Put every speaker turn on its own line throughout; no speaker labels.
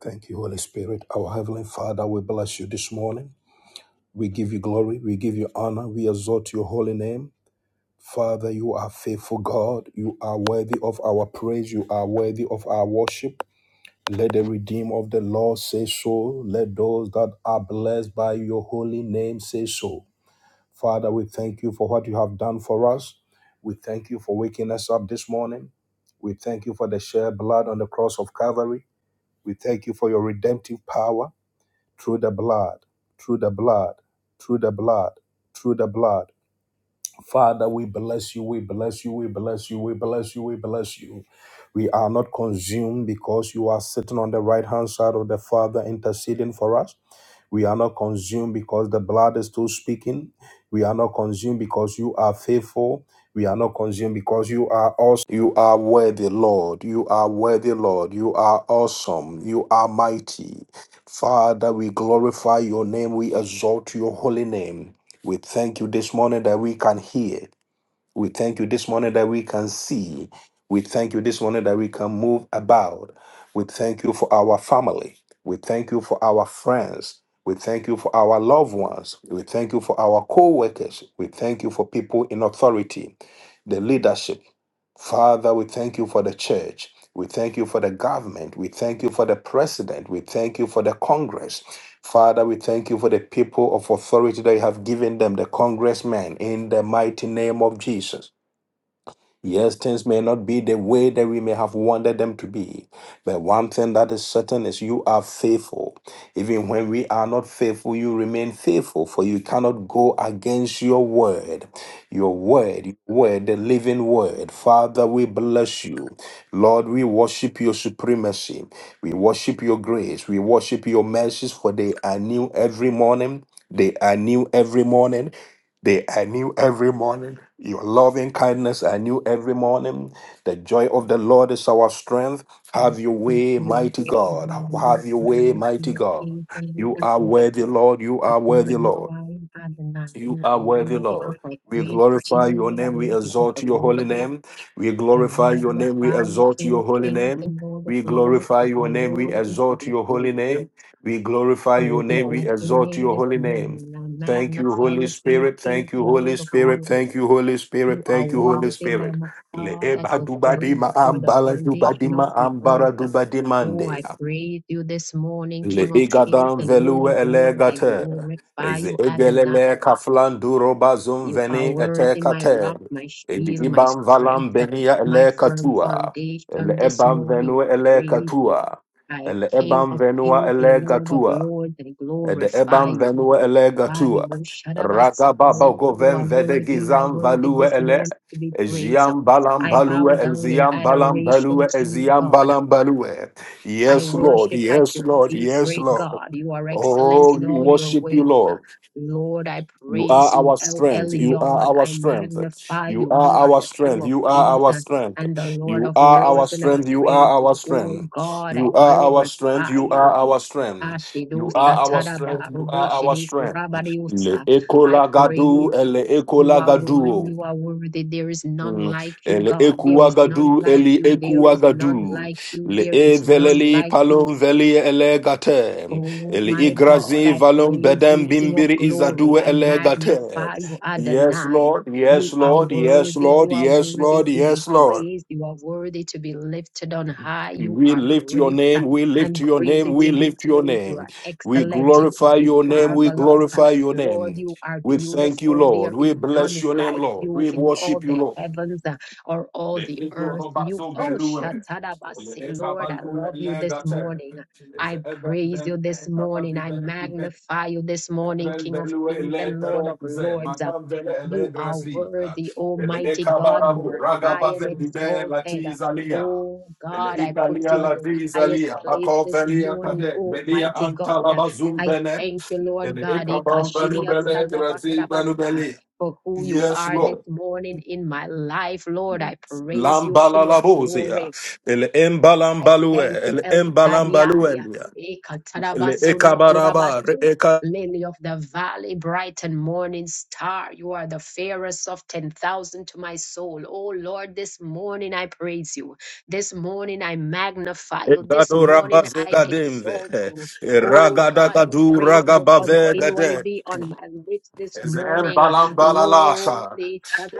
Thank you, Holy Spirit. Our Heavenly Father, we bless you this morning. We give you glory. We give you honor. We exalt your holy name. Father, you are faithful God. You are worthy of our praise. You are worthy of our worship. Let the redeemed of the Lord say so. Let those that are blessed by your holy name say so. Father, we thank you for what you have done for us. We thank you for waking us up this morning. We thank you for the shed blood on the cross of Calvary. We thank you for your redemptive power through the blood, through the blood, through the blood, through the blood. Father, we bless you, we bless you, we bless you, we bless you, we bless you. We are not consumed because you are sitting on the right hand side of the Father interceding for us. We are not consumed because the blood is still speaking. We are not consumed because you are faithful. We are not consumed because you are awesome. You are worthy, Lord. You are worthy, Lord. You are awesome. You are mighty. Father, we glorify your name. We exalt your holy name. We thank you this morning that we can hear. We thank you this morning that we can see. We thank you this morning that we can move about. We thank you for our family. We thank you for our friends. We thank you for our loved ones. We thank you for our co workers. We thank you for people in authority, the leadership. Father, we thank you for the church. We thank you for the government. We thank you for the president. We thank you for the Congress. Father, we thank you for the people of authority that you have given them, the congressmen, in the mighty name of Jesus. Yes, things may not be the way that we may have wanted them to be, but one thing that is certain is you are faithful. Even when we are not faithful, you remain faithful, for you cannot go against your word. Your word, your word, the living word. Father, we bless you. Lord, we worship your supremacy. We worship your grace. We worship your mercies, for they are new every morning. They are new every morning. They I knew every morning. Your loving kindness I knew every morning. The joy of the Lord is our strength.
the
Have your way,
grace
mighty
of the
God.
Lord and the
Have your
fire
way,
of
mighty
your
God.
faith and Lord
You
of
are
Lords,
worthy, Lord. You
but
are worthy, Lord.
glorify Adonai.
You
You
are
are
worthy,
worthy of
Lord.
our
We
praise this
glorify your
morning,
name. We
worthy of the
exalt your holy
glory,
name. We
and
glorify your name. We
magnify you,
exalt
King
your
of
holy
Kings
name.
and Lord of
We
Lords.
glorify
You
your
are
name. We
worthy to
exalt
be
your holy
praised.
name. We glorify your
Oh, we
name. We
bless your
exalt
name
your
this
holy name.
morning. I
Thank you,
magnify
Holy
you, King of
Spirit.
Kings
Thank you,
and
Holy
Lord of
Spirit.
Lords.
Thank you, Holy
You
Spirit.
are
Thank you, Holy
worthy,
Spirit.
Lamb of
Le
God, that
eba
was slain
dubadima
before the
ambala
foundation of
dubadima
the earth.
ambara
Oh,
dubadimande.
I praise you this morning,
Le
King of kings,
igadan
the Lord
velue
of lords. I
elegate.
glorify
Exe
you,
egelele
Adonai.
kaflan duro bazum
You are
veni
worthy, my
etekate.
rock, my
Edi
shield, my
iban
strength,
valam benia
my
ele
firm
katua. Ele
foundation. This
eban
morning,
venue
I
ele
praise you.
katua.
I,
Ele
King
eban
of
venua
kings and
ele
Lord of
gatua
lords, I
de
glorify
eban
you.
venue ele
Body
gatua.
will shut up us.
Ragababa
Lord, you are
goven vede
worthy. You are
gizam
worthy
value
this
ele.
morning to be praised.
Eziam balam
I
balue,
bow down in
elziam balam
adoration
balue,
to you,
eziam
God.
balam balue.
I
Yes, Lord.
worship at
Yes,
your
Lord.
feet,
Yes,
great
Lord.
God. You are excellent
Oh,
in
we
all your
worship you,
ways.
Lord.
Lord, I
You
praise
are
you,
our
El
strength. You are
Elyon.
our
I
strength.
magnify
You
you.
are
You are
our
the King
strength.
of
You are
kings
our
and
strength.
and the Lord
You
of
are our
lords, and I
strength. You are
praise
our
you. Oh
strength.
God, I
You are our strength.
glorify
You are
you.
our strength. You are
Ashidosa
our
taraba
strength. You
robo
are our
shede
strength. Le
kurabariosa. I
ekola gadu,
praise
ele
you. You
ekola
are worthy.
gadu.
You are worthy. There is none
Mm.
like you,
Ele
God. There is none
ekuagadu
like
eli
you. There is none
ekuagadu
like you.
le
There is none
eveleli
like
palom
you.
veli elegate
Oh
eli
my God,
igrazi
I
valom
praise
bedem
you, King of
bimbiri
glory.
izadue
I
elegate.
magnify you,
Yes,
Adonai.
Lord. Yes,
You are
Lord. Yes,
worthy.
Lord.
You are
Yes,
worthy
Lord.
to be
Yes, Lord.
praised. You are worthy to be lifted on high. You
We
are
lift your
great uh,
name. We lift
and
your name.
greatly to
We
be
lift your
praised. You
name.
are
We
excellent. You
glorify
are
your name. We
marvelous. Uh,
glorify your
Lord,
name.
you are
We thank you,
beautiful.
Lord.
There is
We bless
none
your name,
like
Lord.
you
We
in all
worship you,
the
Lord.
heavens uh, or all
Le
the
ito
earth.
no
You,
baso
oh,
belue. Le
Shatadabase, Lord,
ekabalue
I
balue
love you this
legate.
morning.
Is
I
even
praise you
ven
this
eka
morning. I
vive kuze.
magnify you this morning,
Even
King of
velue
kings
le
and Lord
tere
of lords. Uh,
Makam vele le
You are
grasi.
worthy,
Le
Almighty
eka
God. You
barabu.
are
Raga
high and
baze dibe la
exalted. Uh,
tizalia.
Oh
Le
God, I put
italia
you in
la
your highest
tizalia.
place
Ako
this
velia
morning,
kade. Belia
Almighty God.
antala
Uh,
bazum
I
bene.
thank you, Lord
Le
God,
ekabam bam banu
Ikashidia
bele grasi banu
Sanabakarabasa,
bele.
for who you
Yes,
are this
Lord.
morning in my life, Lord. I praise you, King of
Lambalalabozia,
glory.
el
I
embalambalue,
thank you,
el
El Shaddai.
embalambaluendia, le ekabaraba, re
Ekatarabasundukurabashi,
eka
Lily of the valley, bright and morning star, you are the fairest of 10,000 to my soul. Oh Lord, this morning I praise you. This morning I magnify you. This morning I
egadorabazegademve,
exalt
eh,
you. Oh God, your
ragadagadu
praise shall continually
ragabavegade,
be on my lips this
ez
morning.
embalambalalasa,
Lord,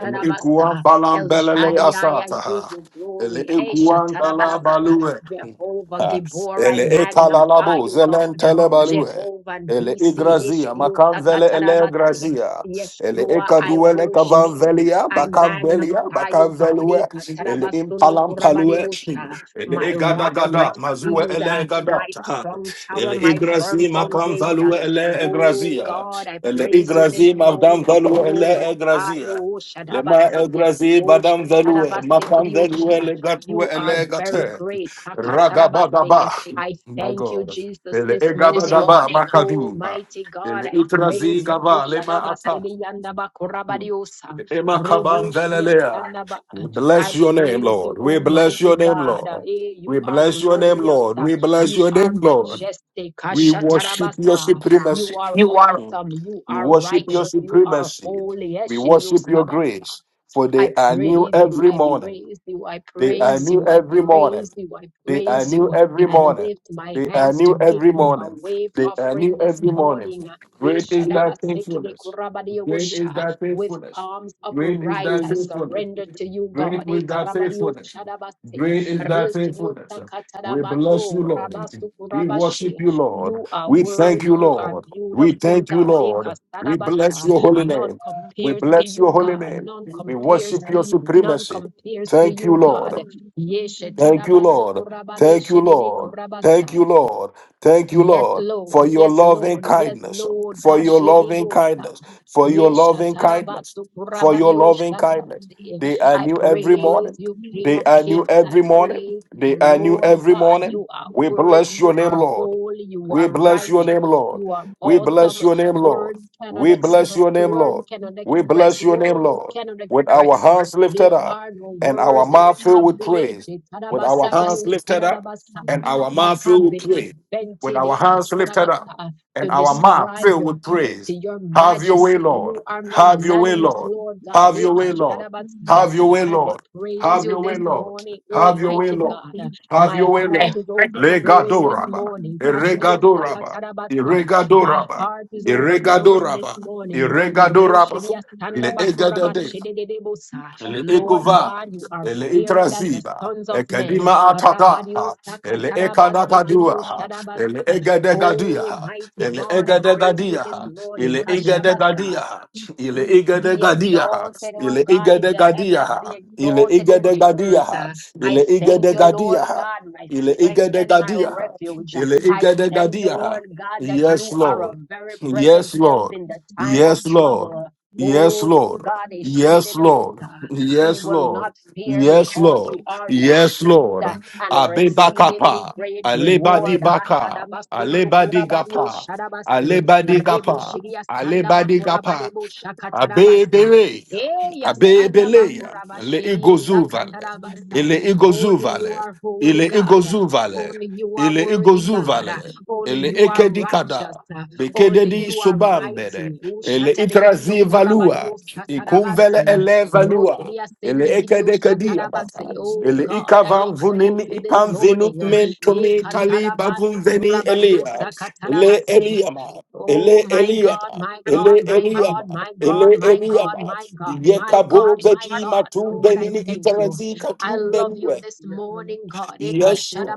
el
El
ikuambalambelele
Shaddai, I
asata,
give you
el
glory. Eh, Shatarabasa.
ikuandalabalue,
Jehovah
Ah,
Gibor, I
Ele
magnify
etalalabo
you, God.
zelentelebalue.
Jehovah
Ele
Nisi,
igrazia makanvele ele
Takatarabaste.
grazia. Ele
Yeshua, I
ekaduele
worship you.
kavanvelia
I
bakanvelia
magnify you, God.
bakanvelue. Ele impalampalue.
Ekatarabasundukurabaribusha.
Ele
My rock, my
egadagada mazue
shield, uh,
ele
my
gadata.
strong tower,
Ele
my firm
igrazi
foundation.
makanvalue ele
Oh
egrazia.
God, I
Ele
praise you this
igrazi
morning. I
mavdanvalue ele
glorify you.
egrazia.
Oh
Lema
Shadabase.
egrazi
Oh
badam velue,
Shadabase
makam
Kiriosha.
velue legatue
You are very
elegate.
great. Akatarabase.
Ragabagaba.
I
My
thank you,
God.
Jesus,
Ele This
this morning.
egabagaba morning, makadu.
Almighty God,
Ele
I praise
itrazi
you.
gaba lema ata.
Kushadabasedeyandabakurabariosa.
Ele ema kaban velelea.
Roboshiriasanaba.
We
I
bless your name,
praise you,
Lord. We bless
Almighty
your name,
God.
Lord.
Eh,
We
You are
bless your name,
glorious.
Lord. We bless
You
your
are
name, Lord.
majestic.
We worship your
Ashatarabasa. You
supremacy.
are
you are
awesome. You
We
are
worship your
righteous. You are
supremacy.
holy.
We worship your
Eshiriosabasa.
grace, for
I
they are new
praise you,
every
I
morning.
praise you, I
They are
praise
new
you, I
every morning.
praise you, I
They are
praise
new
you.
every
I
morning.
lift my
They are
hands to
new
give
every
you a
morning.
wave
They are new
offering this
every morning.
morning.
Great is thy faithfulness. Great is
Ishadabasekinekurabadiosha.
thy
With
faithfulness.
palms
Great is
upright,
thy
I
faithfulness.
surrender to you,
Great
God.
with thy faithfulness.
Ekarabadioshadabase.
Great is thy faithfulness. We bless
Reshidiosakatarabando,
you, Lord. We
rabasukurabashi.
worship you, Lord.
You are
We thank
worthy,
you,
you are
Lord. We
beautiful,
thank you,
God.
Lord. We
Ekasadabasa.
bless your holy
None
name. We
compares to
bless your
you,
holy
God.
name.
None
We
compares
worship
to
your
Thank
you. None
supremacy.
compares to
Thank you,
you,
Lord.
God. Yeshe
Thank you, Lord.
tarabasukurabade
Thank you,
shedede
Lord.
kurabasa.
Thank you, Lord. Thank you,
Yes,
Lord,
Lord.
for your
Yes,
loving
Lord. Yes,
kindness,
Lord.
for your
Kashede
loving
bota.
kindness, for your
Ye
loving kindness,
shatarabatu
for your
kurabadio
loving kindness.
sharabate.
They are
I
new every
praise
morning.
you, King
They
of
are new
Kings. I
every morning.
praise you,
They are new
Lord
every
God.
morning.
You are
We
worthy.
bless your
You
name,
are
Lord.
holy. You
We
are
bless your
righteous.
name, Lord.
You are
We
awesome.
bless your name, Lord.
Words cannot
We bless
express.
your name,
Words
Lord.
cannot
We
express.
bless your name,
Words
Lord.
cannot
With our
express.
hands
There
lifted up
are no
and our
words that
mouth filled
have
with
been
praise. With our hands lifted
that
up and our mouth filled
have
with
been eh,
praise. With our hands lifted up
Bentilekasharabata, to
and our mouth
describe
filled
your
with praise.
beauty, your
Have your way,
majesty.
Lord.
You are
Have your way,
magnanimous,
Lord.
Lord God.
Have your way, Lord.
Ekasharabata.
Have your way,
I will
Lord.
praise
Have
you
your way,
this
Lord.
morning,
Have your way,
Almighty
Lord.
God.
Have your
My
way, Lord.
heart is overflowing this
Legadoraba,
morning.
Eregadoraba,
Kashidiosakatarabata. My
Eregadoraba,
heart is overflowing this
Eregadoraba,
morning.
Eregadoraba, Le
Roshiriasandabakurabashidididebosa.
Ele
Lord
ekova,
God, you are
ele
fairer than the
intraziba,
sons of men.
ekadima atada,
Rabadios
ele
Takatarabas Lekirios
ekadakadua,
Shadabas.
ele egadegadia,
Almighty
ele
God, I praise you this
egadegadia,
morning.
ele
Kashabasa.
egadegadia, ele
Be
egadegadia,
exalted, O
ele
God, in the heavens,
egadegadia,
be
ele
exalted in the earth.
egadegadia,
Uh,
ele
I thank you, Lord
egadegadia,
God, my
ele
strength and my
egadegadia,
refuge. Uh,
ele
you.
I thank you,
egadegadia.
Lord God, that
Yes,
you are a
Lord.
very present
Yes,
help
Lord.
in the time
Thank
of
Yes, Lord.
trouble.
Yes,
Oh
Lord.
God, eh,
Yes,
shiddididabusa.
Lord.
we
Yes,
will
Lord.
not fear
Yes,
because you
Lord.
are our
Yes,
shield
Lord.
uh, and our exceedingly
Abebakapa.
great reward. Ah,
Alebadibaka. Alebadigapa.
sadabasundukurabadiushadabasi. Rebo
Alebadigapa.
Shiria Sanda
Alebadigapa.
Bakurabadebo Shakatarabasa.
Abebele.
Eya Sanda
Abebele. Le
Bakurabashidio
igozuvale.
Sakatarabasa.
ele
Only you
igozuvale.
are holy
Ile
God.
igozuvale.
Only you are
Ile
worthy God.
igozuvale.
Only
Ele
you are
ekedikada.
righteous. Only
Bekededi
you are
subambere.
mighty.
Ele
Ushatadiyando
itrazi valua.
Kurabadio
Ikumvele
Satarabasi.
elevalua.
Roshiria
Ele
Sendikidio
ekedekadia
Shatarabasi.
bata.
Oh
Ele
God, I
ikavam vunim
exalt you this
ipan
morning.
venuk mentomi taliba
Ekatarabando
vunveni
Kurabadio
elia. Ele
Sakatarabasi.
eliama. Ele
Oh my God,
eliama.
my
Ele
God, my
eliama.
God, my God,
Ele
my God,
eliama.
my God, my
Yekabo
God, my
vedi
God.
matum
Lord, I
benini
thank you.
itarasi
I
katum
love you this morning, God. Eka
Yes, Lord.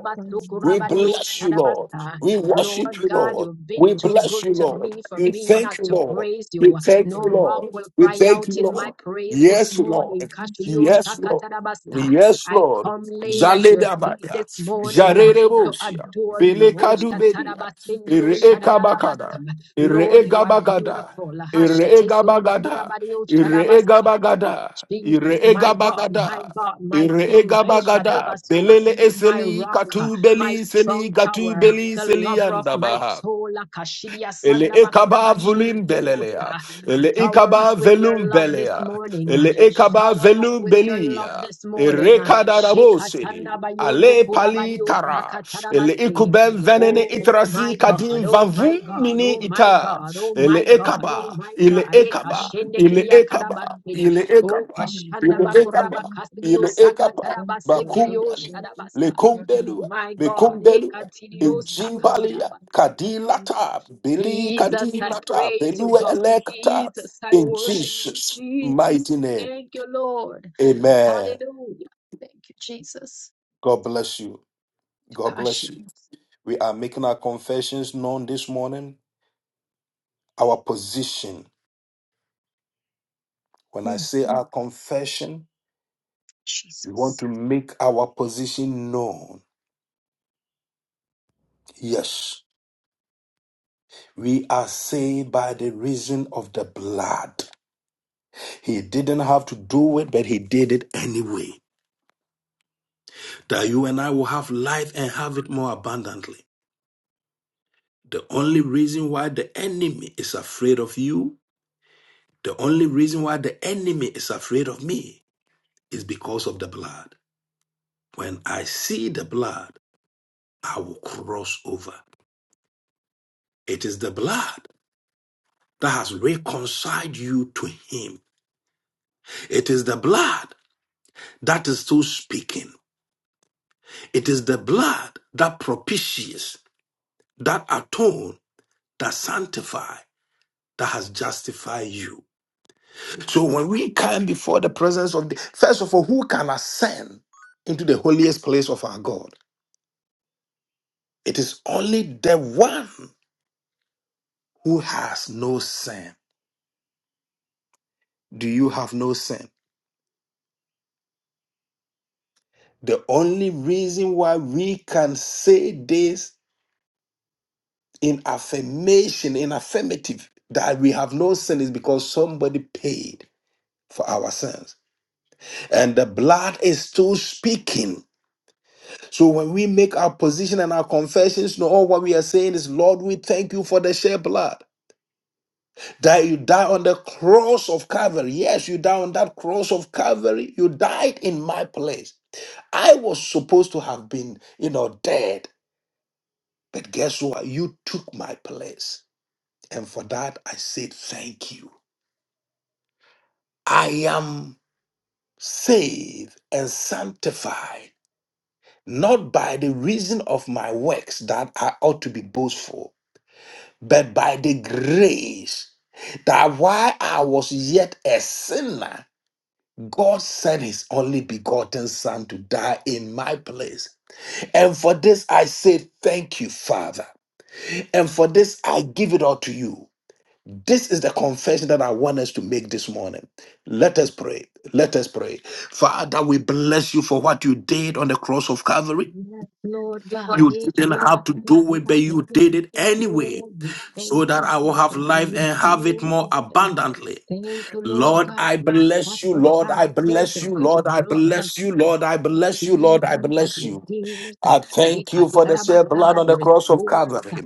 We bless you, Lord.
shadabasa.
We worship
Lord
you,
God,
Lord.
you've been
We
too
bless
good
you,
to
Lord.
me for
We
me
thank
not
you,
to
Lord.
praise
We
you.
thank you,
No
you.
rock
Lord.
will
We
cry
thank you,
out in my
Lord.
praise this
Yes,
morning.
Lord.
Thank
Kashidiyo
Yes, Lord.
sakatarabasa.
Yes,
I
Lord.
come laying at your feet
Jaledabaya.
this morning to
Jarerebosia.
adore you. Oh,
Belekadubedia.
Shatarabasendio
Ereekabakada.
Shadarabasa. Lord, you are
Ereegabagada.
beautiful.
Ereegabagada.
Hashetesundukurabario Shadabasa.
Ereegabagada.
Jesus, my God, my
Ereegabagada.
God, my
Ire
King, Hey,
egabagada belele
my
eseli
rock,
katubeli
my
seli
strong tower,
gatubeli
the
seli
lover of my
andabaha.
soul, Akashidia
Ele ekaba
Sandabakurabashi,
volum belelea. Ele
Shower
ekaba
us with
velum
your love this
belea.
morning.
Ele ekaba
Shower us
velum
with your love
belia.
this morning.
Erekadadabo
Shekatanda
sedi.
bayundu
Ale pali
kurabadius
you.
tara. Ele
kakatarabasi.
ikuben venene
Oh my
itrasi
God,
kadim
oh my
vavum
God,
mini
oh my
ita.
God, oh
Ele
my God, oh
ekaba.
my
Ele
God.
ekaba.
Ekashende
Ele
kiria
ekaba.
karabasi.
Ele
Oh
ekaba.
kashanda
Ele
bakuraba
ekaba.
kasidio
Ele ekaba.
sakatarabase kirio
Bakumbeli. Le
shadabasa.
kumbelu.
My
Le
God,
kumbelu.
ekatirio
E
sakatarabasi.
Kadilata, Bili
Jesus, I
Kadilata,
praise you,
Belue
God.
Elekata,
Jesus, I
in
worship you.
Jesus' mighty
Jesus,
name.
thank you, Lord.
Amen.
Hallelujah. Thank you, Jesus.
God bless you. God bless
Passion.
you. We are making our confessions known this morning. Our position. When I
Mm,
say our confession, we want
Jesus.
to make our position known. Yes. We are saved by the reason of the blood. He didn't have to do it, but he did it anyway. that you and I will have life and have it more abundantly. The only reason why the enemy is afraid of you, the only reason why the enemy is afraid of me is because of the blood. When I see the blood, I will cross over. It is the blood that has reconciled you to him. It is the blood that is still speaking. It is the blood that propitiates, that atones, that sanctifies, that has justified you. So when we come before the presence of the first of all, who can ascend into the holiest place of our God? It is only the one who has no sin. Do you have no sin? The only reason why we can say this in affirmation, in affirmative, that we have no sin is because somebody paid for our sins. And the blood is still speaking So when we make our position and our confessions, you know all what we are saying is, Lord, we thank you for the shed blood. That you died on the cross of Calvary. Yes, you died on that cross of Calvary. You died in my place. I was supposed to have been, you know, dead. But guess what? You took my place. And for that, I said, thank you. I am saved and sanctified, not by the reason of my works that I ought to be boastful but by the grace that while I was yet a sinner, God sent his only begotten Son to die in my place. And for this I say, Thank you, Father. And for this I give it all to you. This is the confession that I want us to make this morning. Let us pray. Let us pray. Father, we bless you for what you did on the cross of Calvary.
Yes, Lord God.
You
Eh,
didn't
Shabbat,
have to
eh,
do it, but
Rabbat,
you
eh.
did it anyway.
Lord, we
so
thank
that
you,
I will have
Jesus.
life
Yes,
and have it
Lord
more
God.
abundantly.
Thank you, Lord
Lord,
God,
I
for your
bless you. Lord, I
sacrifice. Thank
bless
you
you.
for your
Lord, I
blood.
bless you. Lord, I bless you. Lord, I
Jesus that
bless you.
redeems, uh,
I thank you for the shed
Ekatarabasa
blood
that
on the cross of
restores, uh,
Calvary.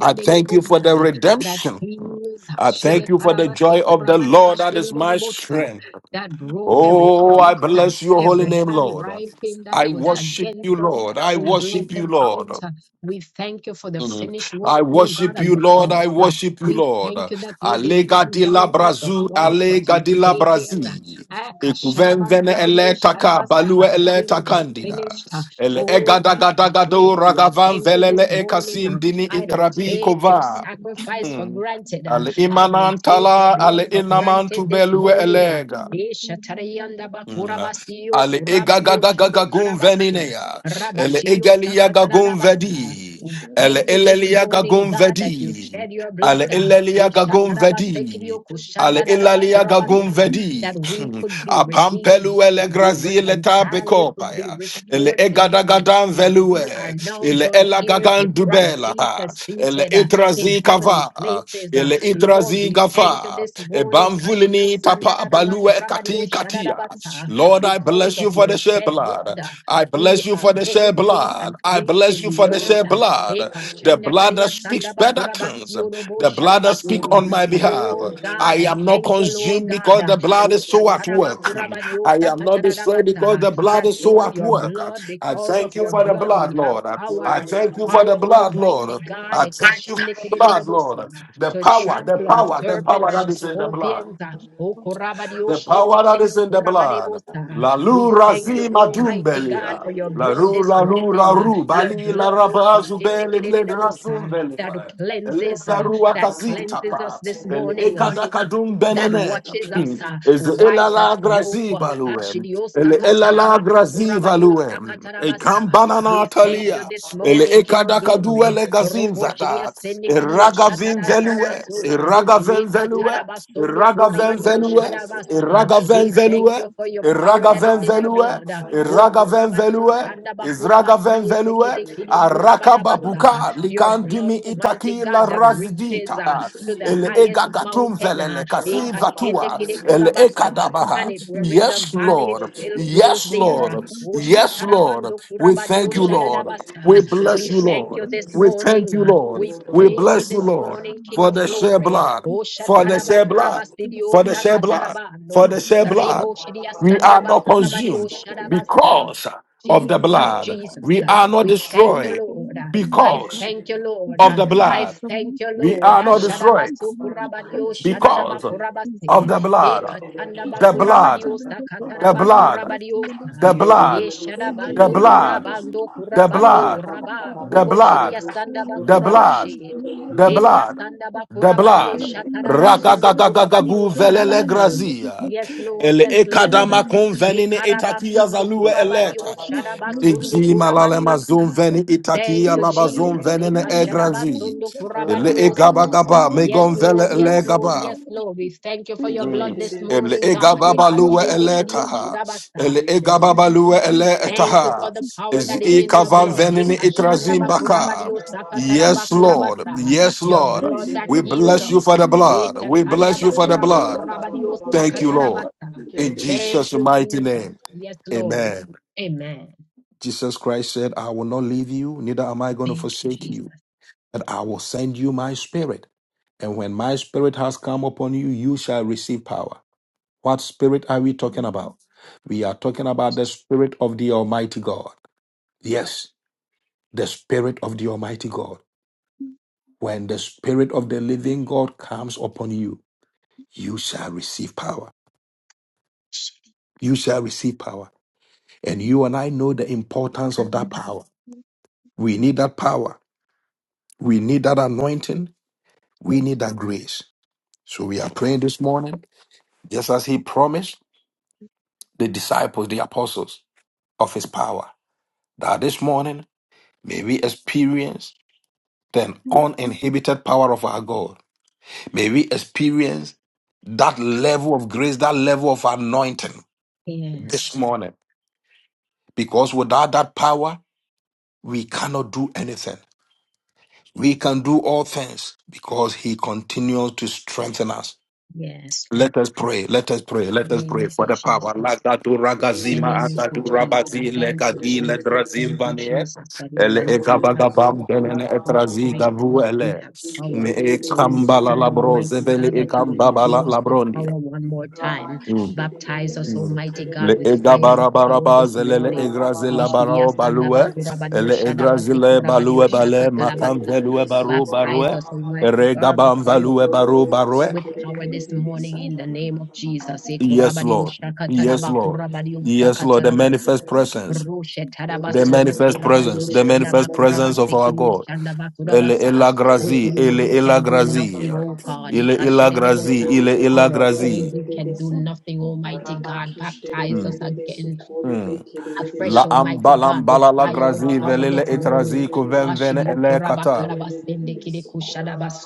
I thank you for the
that
redemption.
heals, uh,
I thank you for the joy of the Lord that is my
Shidetarabasekurabadabashidededebota
strength.
that broke every
Oh, I
curse, uh,
bless your holy
every
name, Lord.
handwriting that
I
was
worship
against
you,
us
Lord.
has
I
been
worship
blotted
you, Lord.
out. uh. We thank you for the
Mm.
finished
I
work, oh God,
worship
on
you,
the
Lord.
cross.
I
uh,
worship you,
we
Lord.
thank you that you didn't
Alega
come
di la
down off the
brazu,
cross, but you
alega di la
stayed there. uh,
brazi.
ah,
Ekuven vene
kashadabasekidio
eletaka,
shadabasa, uh,
balue
Until
eleta
it is
candida.
finished. uh.
Ele
Oh God, I
egadagadagado
praise you. I
ragavan
thank you
velele
this morning.
ekasin
uh.
dini
I don't
itrabi
take your
kova.
sacrifice for
Mm.
granted. uh.
Ale
I don't take your
imanantala,
Thank
blood
ale
you.
for
inamantu
granted this
belue
morning. uh.
elega.
Eh, shatariyanda
Mm.
bakurabasiyo,
Ale ega ga
kurabadio
ga ga ga gum
shedikarabasi,
veninea. Ele
rabashidio
egalia ga gum
sakatarabasa.
vedi.
We
Ele
thank you this
elelia ga
morning,
gum
God, that you
vedi.
shed your
Ale
blood. ah,
elelia
oh,
ga gum vedi.
shatarabasekidio
Ale ilalia gagum
kushandadadabakurabasa,
vedi.
That we could be redeemed,
Apampelu
we
ele
could be
grazi le
reconciled, we could be
tabekopaya. Ele
restored to
egada
you.
gadan
That
velue.
we are now
Ele
joint heirs
elagagan
with Christ
dubela. ha
Jesus
Ele
seated ah, in
itrazi
heavenly
kava.
places. ah.
Ele
Lord,
itrazi
we thank you
gafa.
this
e
morning. kashidio
bamvulini tapa balue
sandadadabakurabadio
kati katia.
shadadabasa,
Lord, I
Because
bless
of
you for
your
the shed
shed
blood.
blood. ah,
I
we
bless you
are
for the
made
shed
kings
blood blood.
and
I
priests
bless
in
you
the
for the
earth.
shed
uh,
blood, the blood that speaks better tongues, the blood that speaks on my behalf.
Lord
I
God, I
am not
thank you, Lord
consumed
God,
because
uh,
the blood is so at work. I am not destroyed because
Oshatarabakurabaniosakatarabasa,
the blood
that
is so
through
at
your
work.
blood,
I
because of
thank you
your
for the
blood,
blood,
we have
Lord.
power.
I thank you for
Power,
the blood,
Almighty
Lord.
God,
I thank you for the blood, Lord. The
to
power, the
trample on
power, the power
serpents
that
and
is in the blood.
scorpions. uh,
The power that is in the blood.
Okorabadioshendekidiokorabadebosa.
La
We
lura
thank you,
zima
Almighty God,
dumbelia.
for your
La
blood
ru
this
la lu la
morning. uh,
ru.
your
Bali la
blood, oh,
rabazu
that
beli le razumbelia. Le
cleanses,
la
uh,
rua
that
kazita
cleanses us
pa.
this
El
morning. uh,
ekada kadum
that
benene.
watches us uh,
Is ela
white as
la
snow.
grazi baluem.
Ashidiosa
El ela la
katarabandu
grazi
kurabadiosa
valuem. E
katarabasa. We
kambanana
thank you
talia.
this
El
morning, King of
ekada kadu
Glory.
ele gazin
Roboshidia
zata. E
sendikidio
ragavin velue. E
shatarabaso.
ragavin
Ye
velue. E
katarabasondo
ragavin
kurabadio
velue.
shadabasa.
Iragaven
We thank
Velue,
you for your power that is
Iragaven
in your
Rabba
Velue,
blood.
Thank
O
Iragaven
kurabadio
Velue, Izragaven
shandabakurabasidi
Velue,
esekete kidi kurabadabasa.
Arakababuka,
Your blood,
Likandimi
Almighty
Itaki La
God, that reaches. Uh,
Razdita,
to the
El
highest
Ega Katum
mountain. uh,
Velele Kasi Vatua, El
Ikashendekidekurabasa. And
Ekadabaha.
if we're in the
Yes,
valley, it
Lord.
still flows
Yes,
there. uh,
Lord. Yes, Lord. We thank you, Lord. We
Oshatarabandokurabadioshadadabasa. We
bless you,
thank you
Lord.
this
We thank
morning.
you,
uh,
Lord.
We
We
praise you
bless you,
this
Lord,
morning, King
for
of
the shed
Glory.
blood, for the shed blood for the shed blood, for
Oshatarabakurabasidiosakatarabano.
the shed blood. We are not consumed
Reboshidiasandabakurabadioshadabasi.
because of the
Jesus,
blood.
Jesus,
We
uh,
are not
we thank you,
destroyed
Lord. uh, I
you.
because
thank
Rabba
you, Lord.
Because
of the
I
the
blood.
summit
thank you,
of
We
the
Lord.
are
dark
not destroyed
is
Ashadabasu
never
kurabadio
taken up,
shadadaba
because
is
of
kurabase.
the
the
outcome
blood.
Ekatanda
The blood,
of
bakurabadiosa
the
the
kataraba
performance
blood,
that you make
kurabadiosa.
the
the sun.
blood,
Oh, yeah,
the
Yeshadabando
yeah, yeah, yeah,
blood,
yeah,
kurabando
yeah, the
the
color of money because they couldn't not
kurabado
blood,
out of
raba
the
the
rubo
revolution.
blood,
shedia
I
sanda
am the
the blood,
bandit,
bakurabashe.
you are the
the
creator,
Shedia
you
blood.
sanda
are the
The
bakurabadio
blood.
sun, you are the sun,
shatarabasundo
you are the
kurabadio
Ragagagagagu
sun,
velele
you are the sun,
shadabase.
you are the
grazia.
Yes,
sun,
Lord.
Ele
Yes, Lord.
ekadama
you
kon
are the
convenini
sun.
itakia
Shekarabasundo
zalue
kurabadio
eleta.
Thank
shadabasundo
Ijima lalema zoom
kurabadiosa.
veni
Thank
itakia
you,
laba zoom
Jesus.
venene egrazi. Ele egaba egabagaba
Yes,
megon vele
Lord. Yes,
ele
Lord.
gaba.
Yes, Lord. We thank you for your
Mm.
blood
Amen.
this
Ele
morning, God.
egababalua eletaha. Ele egababalua
Thank you for
eletaha.
the power
Is
that is in your
ikavan
blood.
venini itrazimbaka. Yes, Lord. Yes,
Your
Lord.
blood that
We
heals
bless
us.
you for the blood. We bless you for the blood. Thank you, Lord. In Jesus'
Thank you,
mighty
Jesus.
name.
Yes, Lord.
Amen.
Amen.
Jesus Christ said, I will not leave you, neither am I going to
Thank you,
forsake you,
Jesus.
but I will send you my spirit. And when my spirit has come upon you, you shall receive power what spirit are we talking about? We are talking about the spirit of the Almighty God. Yes, the spirit of the Almighty God. When the spirit of the living God comes upon you, you shall receive power. You shall receive power. And you and I know the importance of that power. We need that power. We need that anointing. We need that grace. So we are praying this morning, just as he promised the disciples, the apostles, of his power. That this morning may we experience the uninhibited power of our God. May we experience that level of grace, that level of anointing this
Yes.
morning. Because without that power, we cannot do anything. We can do all things because He continues to strengthen us.
Yes, Lord.
Let us pray. Let us pray. Let us pray
Thank
for
you,
the power.
Jesus.
Lagadu
Thank
ragazima
you,
agadu
Jesus.
rabazi
Thank you,
legadi
Jesus.
ledrazim
Thank you,
vanie.
Jesus. That in
Ele
you we have joy,
egabagabam
peace,
denene
good
etrazi
strength.
gavu
We
ele.
have power.
Me
Holy
ekambala
Spirit,
labro
Almighty
zeveli
God, that you will
ekambabala
endue us with power
labronia.
one more
Rabba
time.
Kish
Mm,
did
Baptize us,
mm.
Almighty
Le
God, with
it,
fire, with power
egabarabaraba
this
Thank
zelele
you.
morning.
egrazila
Baptize
barao balue. Ele egrazile balue bale makam velue baru
you.
barue.
us, Almighty
Ere
God, with fire
value baru barue.
with power
Thank
this morning in the name of Jesus.
Yes,
Ekorabadio
Lord. Yes,
shakataraba
Lord.
korabadio
Yes, Lord. The
sakatarabasa.
manifest presence.
Roshe
The
tarabasondo
manifest presence.
korabadio
The
shandaba
manifest presence of our
korabasekirio
God.
shandaba
Ele
korabasa.
ela
With
grazi.
you we
Ele ela
can do
grazi.
nothing, oh God.
Ele ela grazi.
Ekashadebosa.
Ele ela
On our own
grazi.
we can do nothing, Almighty God.
Rabakish de de
Baptize
de de
us
Mm,
de de
again
sukore de
mm.
kere de de de
afresh,
La
de.
Almighty
amba
God, with
lambala la
fire,
Ora
with
grazi
baba
power
baba
velele
this
baba de de
etrazi
morning.
de de
kuven
de.
vene ele kata.
Thank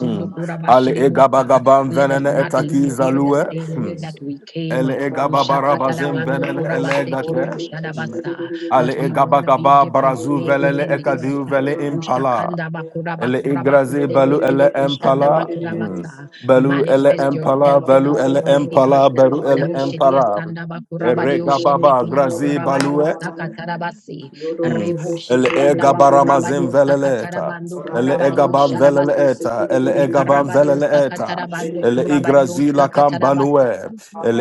Mm. Ale egaba gaban
Let us
venene
not
etaki
leave here the
zalue.
same way that we came.
ele egaba baraba zem venene ele e gate. Ale
But we
egaba
want to be
gaba
difference
brazu
makers
velele
in the
ekadu
earth.
vele impala.
Ushakanda bakuraba
Ele
kuraba
igrazi balu
kusende
ele
kide kushanda
impala. Hmm.
bakurabasa.
Balu ele
Manifest
impala,
yourself in us,
balu ele
Almighty
impala,
God.
balu ele
Roshedia
impala.
Sandaba Kurabadio
Erega baba
Shendekidio
grazi
Kurabadio
balue.
Sakatarabasi
Mm.
Rebo
El
Shikiandaba
egabarama
Kurabadio
veleleta.
Sakatarabando
you.
El
Kurabadio
egabam
Shadabasi
veleleta. El egabam
you.
Ekarabadio
Sokora
veleleta.
Sakatarabando
El
Kurabadio
igrazila
ba
Sakatarabasa
cambanue. El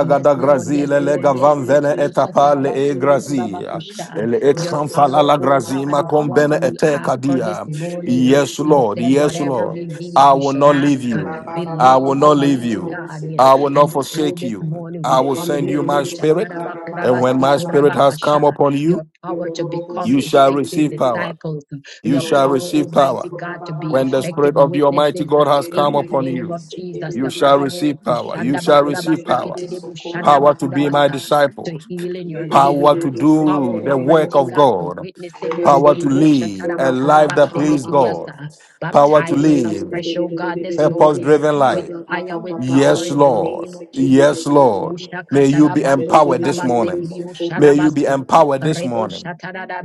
Yes, Lord.
grazil.
Yes,
El
Lord. Yes,
egavam
Lord.
vene etapa le egrazia.
Ishatarabasundukurabakosha.
El
Your
exanfala
power,
la
oh God,
grazima
is what
combene
we
ete
ask for this
cadia.
morning.
Yes,
You
Lord.
said
Yes,
whatever
Lord.
we need,
I
we
will
should
not
ask.
leave you. I will
Believe,
not leave
Almighty
you.
God. in.
I will not
And so
forsake
this
you.
morning
I
we
will
come
send you
here.
my
oh,
spirit. And when my spirit has come
Shatarabakurabasikurabakasha.
upon
Thank
you,
Your power to become
you shall
effective
receive power.
disciples.
You
Your
shall
power,
receive
Almighty
power
God, to
ba
be
when
ba
the
effective
Spirit of the Almighty
witnesses.
God has
In
come
the
upon
name
you.
of Jesus,
You
the
shall
power
receive power. You
Kushanda
shall receive
Bakurabasa
power.
Ketidebu Shanda
Power to
ba
be my
Bakurabasa
ba.
to
disciples.
heal in your name.
Power to
Yedididididi
Power
do the work
Almighty
of
sekedididididi.
God to
God.
witness in your
Power to
name. Oh,
Yedididididi
live a
sukora ba ba
life
ba
that
ba ba
Shatarabakurabasende
pleases
ba ba ya.
God.
Kidiasa.
Power to
Baptize us
live
afresh, oh God, this
purpose
Yedididididididididididi
morning
driven
with
life.
sukara ba
fire,
ba
with
ba ba ba
power
Yes,
ya.
in the
Dorobo
Lord.
name of
Yes,
Jesus. Oh,
Lord.
sekedidididididi.
May you be
Shakatarabando
empowered this
Kurabase
Yedididididididi
morning.
Kidi, oh,
sukora
May
ba ba
you
ba
be
Shadabasu.
ba.
empowered this
Rebo
morning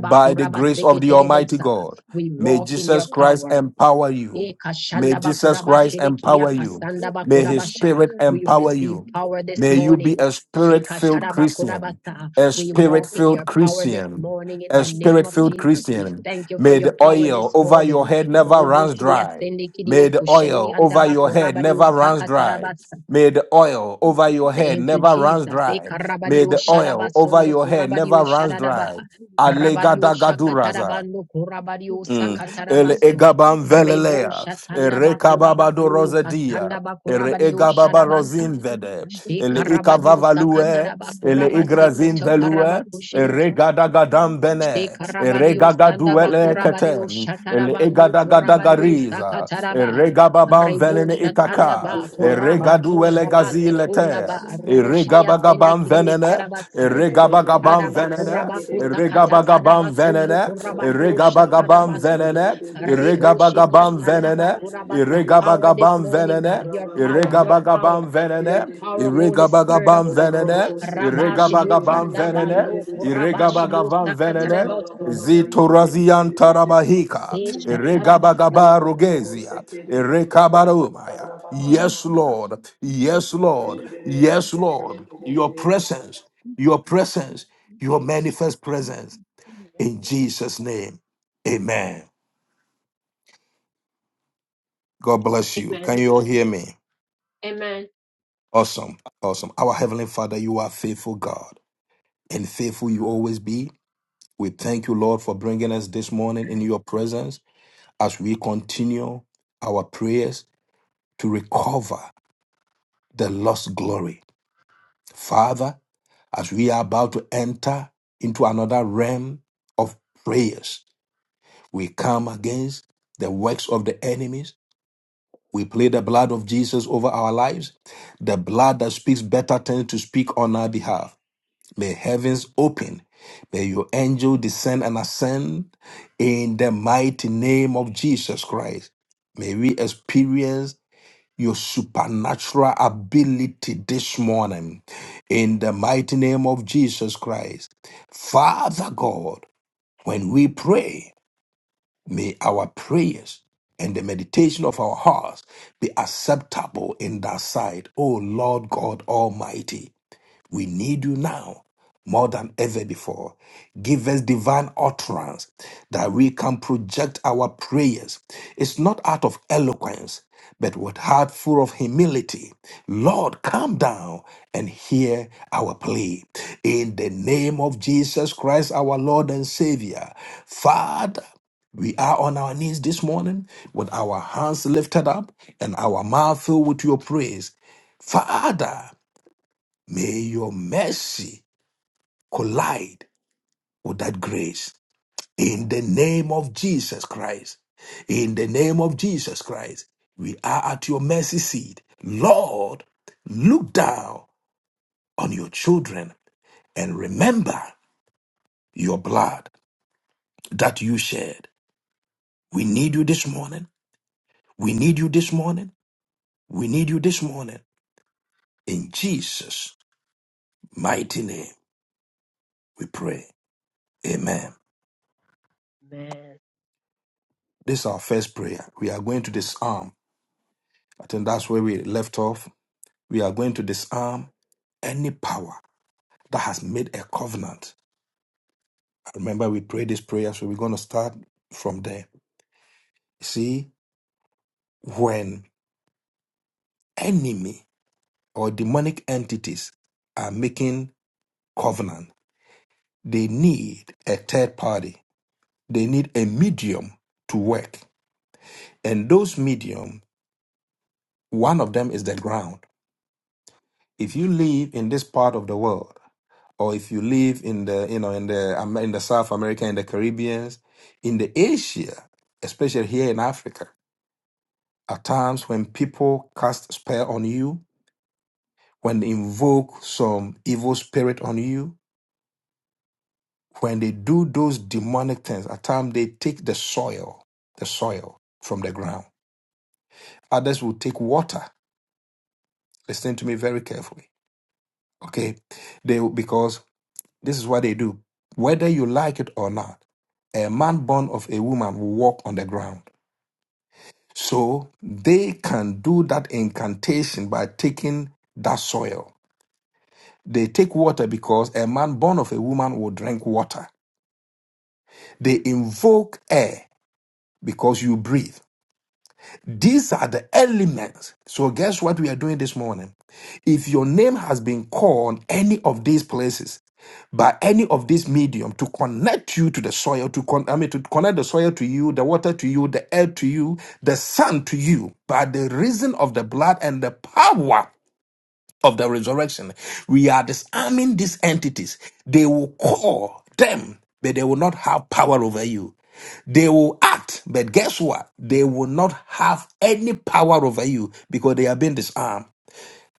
by the
you.
grace of the Almighty God.
We
May
walk in your
Jesus Christ
power.
empower you.
Eh,
May Jesus Christ empower you. May His Spirit
We
empower
receive
you.
power this
May you be
morning.
a spirit filled Christian, a
We
spirit
walk in your
filled
power this
Christian,
morning in
a
the name
spirit
of
filled
Jesus. We
Christian.
thank you for
May
your
the
power
oil
this
over your
morning.
head never runs dry. May the oil over your head never runs dry. May the oil over your head
Thank you,
never runs
Jesus. Eh,
dry. May
karabadio
the oil over
shadabasondo
your head
korabadio
never runs
shadadaba.
dry. Alega da
Rabadio
gaduraza.
shakatarabando korabadio
Mm. Ele
sakatarabaso.
egabam
Rebo
velelea,
shatanda
ere kababa do
bakurabaku
rosedia,
kastanda
ere
bakurabadio
egababa
shadabasa.
rosin vede,
She
ele
Thank you.
karabadio
ikavavalue,
Thank
ele igrazin
sakatarabakurabasekoto
velue,
karabakushiriki.
ere gadagadam bene, ere
Shekarabadio Sandaba
gagaduele
Kurabadio
ketem, ele
Shatarabando Kurabadio
egadagadagariza, ere
Sakataraba
gababam
Rebo
venene itaka,
Shatandaba
Zukora
ere
ba
Kuraba
ki
Do
gaduele
Rabasi
shedididididi
gazilete,
Kundaba Robo
sukora
ere
ba
Shria
ba ba ba
gabagabam
ya.
Sendekirio
venene,
Charabatsa
ere gabagabam
Yedidididididi
venene,
sekedididididi
Tadabakurabakuta
sukora
ere
ba ba ba.
gabagabam
katatadabakundo
venene,
kurabadio
Regabagabam
shatadabastu.
venene,
Yedidididididi
Rebo
sukora.
shidia
Regabagabam venene,
sandabakurabata.
Yedidididididi
Power this
Regabagabam
morning,
venene,
God. Your power, your power,
Regabagabam
your
venene,
power, Holy Spirit of
Regabagabam
God.
venene,
Rabashidio
Regabagabam venene,
sandabando kurabashidio
Regabagabam venene.
sakatadabastu.
Zitorazian Tarabahika,
Eshatarabasta.
Regabagaba Rogezia, Rekabarumaya. Yes, Lord. Yes, Lord. Yes, Lord. Your presence, your presence, your
Jesus.
manifest
you.
presence. In Jesus' name, amen. God bless you.
Amen.
Can you all hear me?
Amen.
Awesome. Awesome. Our Heavenly Father, you are faithful God, and faithful you always be. We thank you, Lord, for bringing us this morning in your presence as we continue our prayers to recover the lost glory. Father, as we are about to enter into another realm of prayers, we come against the works of the enemies We plead the blood of Jesus over our lives, the blood that speaks better things to speak on our behalf. May heavens open. May your angel descend and ascend in the mighty name of Jesus Christ. May we experience your supernatural ability this morning in the mighty name of Jesus Christ. Father God, when we pray, May our prayers and the meditation of our hearts be acceptable in thy sight, O Lord God Almighty. We need you now more than ever before. Give us divine utterance that we can project our prayers. It's not out of eloquence, but with heart full of humility. Lord, come down and hear our plea. In the name of Jesus Christ, our Lord and Savior, Father, we are on our knees this morning with our hands lifted up and our mouth filled with your praise. Father, May your mercy collide with that grace in the name of Jesus Christ. In the name of Jesus Christ, we are at your mercy seat. Lord, look down on your children and remember your blood that you shed. We need you this morning. We need you this morning. We need you this morning. In Jesus' mighty name, we pray. Amen.
Amen.
This is our first prayer. We are going to the psalm. I think that's where we left off. We are going to disarm any power that has made a covenant. I remember we prayed this prayer, so we're going to start from there. See, when enemy or demonic entities are making covenant, they need a third party. They need a medium to work. And those medium, one of them is the ground. If you live in this part of the world, or if you live in the you know in the Am- in the South America, in the Caribbeans, in the Asia, especially here in Africa, at times when people cast spell on you, when they invoke some evil spirit on you, when they do those demonic things, at times they take the soil, the soil from the ground. Others will take water. Listen to me very carefully. Okay, they will- because This is what they do. Whether you like it or not, a man born of a woman will walk on the ground. So they can do that incantation by taking that soil. They take water because a man born of a woman will drink water. They invoke air because you breathe. These are the elements. So guess what we are doing this morning? If your name has been called on any of these places, by any of these medium to connect you to the soil to con- i mean to connect the soil to you the water to you the air to you the sun to you by the reason of the blood and the power of the resurrection we are disarming these entities they will call them but they will not have power over you they will act but guess what they will not have any power over you because they have been disarmed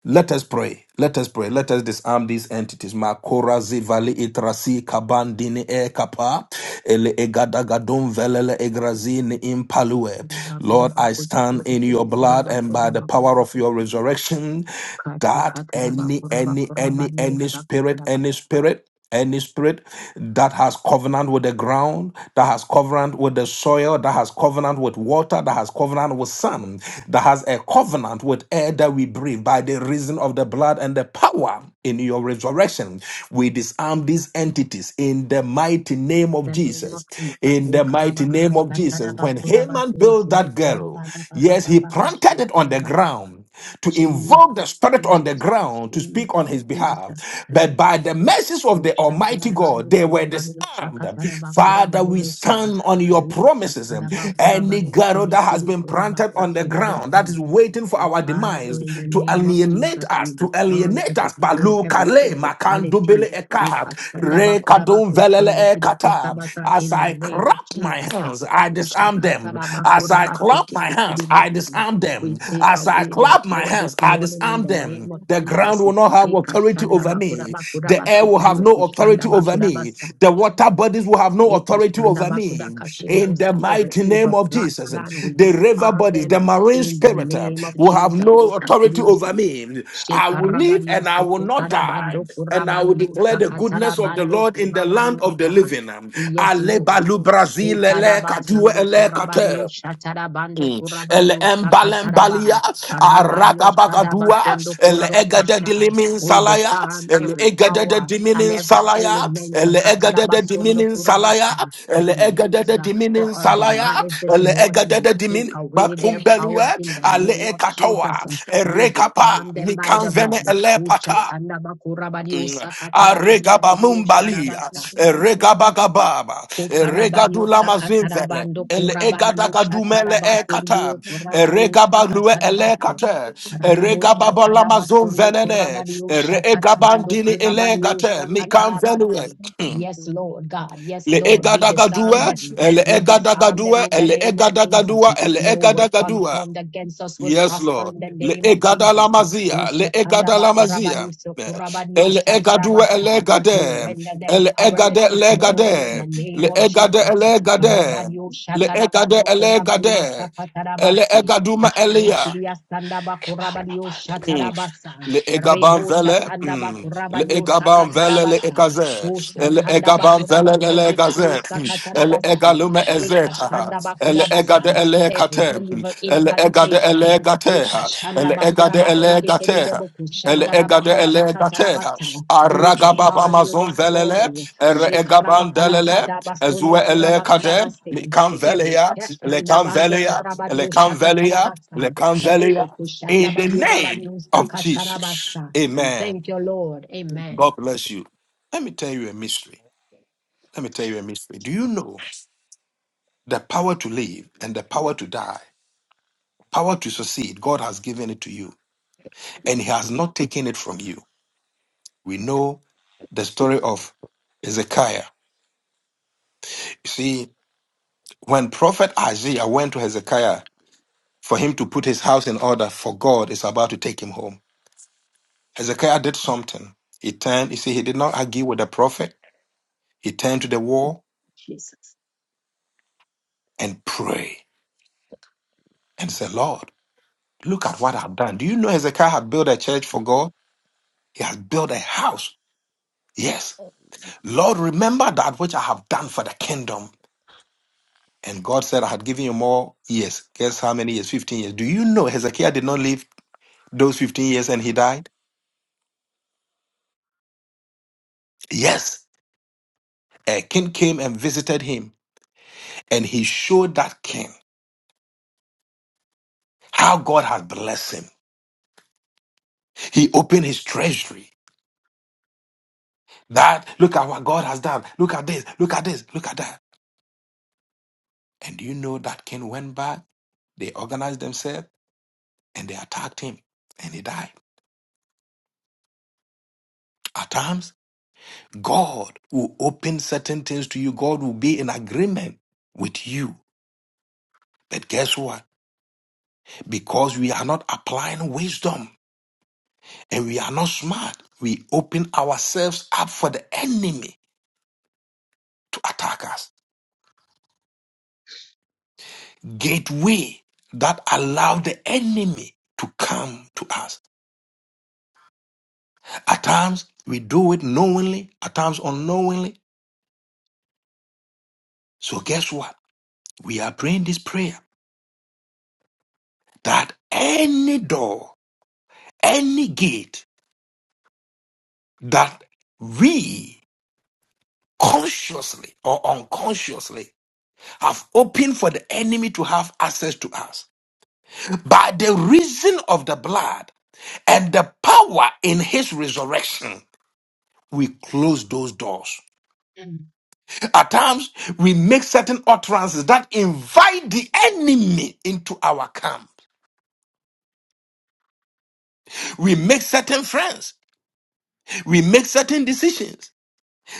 let us pray. Let us pray. Let us disarm these entities. Makora zivali itrasi kabandini e kapa ele egadagadum velele egrazini impalue. Lord, I stand in your blood and by the power of
Kurabakurabakutikitikitikurabakurabakutikit.
your resurrection
Kata
that
kata
any any any any spirit
rabakurabakurabadio
any spirit any spirit that has covenant with the ground that has covenant with the soil that has covenant with water that has covenant with sun that has a covenant with air that we breathe by the reason of the blood and the power in your resurrection we disarm these entities in the mighty name of
The name of
jesus
Jesus,
in
the
the mighty name
Karabadios,
of
the
jesus when
Karabakura
haman
Basti,
built
Kiri
that girl
Kurabada Baba
yes he
Baba
planted
Bashi
it on the ground him, to
Jesus,
invoke the spirit on the
Jesus,
ground to speak on
Jesus,
his behalf.
Jesus,
But by
Jesus,
the
Jesus.
mercies of the Almighty God,
Shatarabando
they were
kurabando
disarmed.
shakataraba
Father,
kurabane
we
bosta.
stand on your promises.
Shataraba kuraba
Any
seke
garrote that has
bekiri
been
kuraba
planted on the
koshele
ground that
bosta.
is waiting for
And
our
Father,
demise
in the
to
name of
alienate
Jesus, we
us, to
disarm
alienate
every
us.
power,
Balu
every
kale
principality.
makandubele eka
Ikasandaba kuraba
rekadum velele
koshele kide
ekata.
kusabasa
As
In the
I
name of
clap my
Jesus.
hands, I disarm them.
Ushakataraba
As I
kuraba
clap
seke
my hands,
tekiri
I disarm
bosta.
disarm them.
We take
As I
away their
clap my
power this
hands, I
morning in
disarm
the
them.
name of
The ground
Jesus.
will not have
Eka
authority
shanda
over
bakura
me.
bakura
The air will have
basekidio
no authority
kushanda
over
bakura
me.
basa.
The water bodies will have no
Eka
authority
shanda
over
bakuda
me. In the
kashirebosa. Every
mighty name
evil
of
plot
Jesus,
plan, we
the river
disarm
bodies, the
them
marine
in the
spirit uh,
name of
will have
Jesus.
no authority over me. I will live and I
Shekarabalioso
will not die.
kutarabando
And I will declare
kurabaliosa
the goodness of the
katarabando
Lord in the land of the
kurabaliosa.
living. Um,
Yes, Lord.
Alebalu Brazil, ele, kadue,
Shetadabasondo
ele, kate.
kurabaliosha tarabando
Mm. El
kurabaliosa kataraba.
embalembalia,
Rabaliosha
arakabagadua,
dabasondo
el egade
kurabakasha.
dilimin
We
salaya,
disarm
el
every
egade de
power and
diminin
every
salaya,
element uh,
el egade de
katarabasondo
diminin salaya,
kurabasa
el
being
egade
used
de
uh, for
diminin
our
salaya,
demise this
el
morning.
egade
We
de
take
dimin
away their
bakumbelue,
power in the
ale
name of Jesus.
ekatoa,
We
erekapa,
disarm them by the
mikanvene
blood.
elepata.
Ushatanda bakura badiosa katara yango
Aregaba mumbalia, eregabagababa, eregadula
Ekarabaniosa
mazinvele.
katarabando
Ele
korabaniosa
egadagadumele
tarabasendio
ekata,
korabaniosa
eregabalue
katarabaste.
elekate,
Rebosta
eregababala
tarabasondo
mazonvenene,
korabaniosa
ere
tarabando
egabandini elegate,
korabaniosa
mikanvenue.
katarabaste. Yes, Lord God. Yes,
Le
Lord. We disarm
egadagadue,
them.
ele
We disarm them
egadagadue,
in the
ele
name of Jesus.
egadagadua,
Thank
ele
No weapon
egadagadua.
formed against us will
Yes,
prosper
Lord.
in the
Le
name of
egada la
Jesus.
lamazia, le egada
Oshatandaba
la lamazia.
korabaniso
El
korabaniosa
egadue el
tarabasa. We
egade,
render them
el
powerless
egade el
this morning in
egade,
the
le
name of
egade el
Jesus.
egade,
Rabadio
le egade
shatarabando
el
korabadio
egade, el
sakatarabasi.
egaduma
Rebo
elia.
shiria sandaba korabadio
Hmm.
shatarabasa.
Le egabam
Rebo
vele,
shatandaba
mm, le
korabadio
egabam vele le
sakatarabasa.
ekaze,
O
le
shatandaba
egabam vele le le
korabasekedio
gaze, le
sakatarabasa.
egalume
Eka
ezeta,
shandaba
le egade
korabasa.
ele
Every
kate,
evil
le egade
incantation.
ele gate,
Eka
le
shandaba
egade ele
korabasekete
gate.
debo
El
kushandaraba
egade ele gate,
kushakatarabasa. We
aragababa
disarm you
mazon
this
velele,
morning.
er egaban
Shekarabakunsha
delele,
dabasundo
ezue ele kade, mi
Kurabakarabaste,
kan
Every
velia, le
session
kan
dabando
velia, le
kurabadio
kan velia, le
shakatarabasa.
kan velia.
Rebo
In the
kushandaba
name
kurabadio
of Jesus.
sakatarabasa.
Amen.
Thank you, Lord. Amen.
God bless you. Let me tell you a mystery. Let me tell you a mystery. Do you know the power to live and the power to die, power to succeed? God has given it to you, and He has not taken it from you. We know the story of Hezekiah. You see, when Prophet Isaiah went to Hezekiah for him to put his house in order, for God is about to take him home. Hezekiah did something. He turned, you see, he did not argue with the prophet. He turned to the wall
Jesus.
and prayed. and said, Lord, look at what I've done. Do you know Hezekiah had built a church for God? He has built a house. Yes. Lord, remember that which I have done for the kingdom. And God said, I had given you more years. Guess how many years? 15 years. Do you know Hezekiah did not live those 15 years and he died? Yes. A king came and visited him, and he showed that king how God has blessed him. He opened his treasury. That look at what God has done. Look at this. Look at this. Look at that. And do you know that king went back? They organized themselves and they attacked him and he died. At times, God will open certain things to you. God will be in agreement with you. But guess what? Because we are not applying wisdom and we are not smart, we open ourselves up for the enemy to attack us. Gateway that allow the enemy to come to us. At times, we do it knowingly, at times unknowingly. So guess what? we are praying this prayer that any door, any gate that we consciously or unconsciously have opened for the enemy to have access to us by the reason of the blood and the power in his resurrection. We close those doors.
Mm.
At times, we make certain utterances that invite the enemy into our camp. We make certain friends. We make certain decisions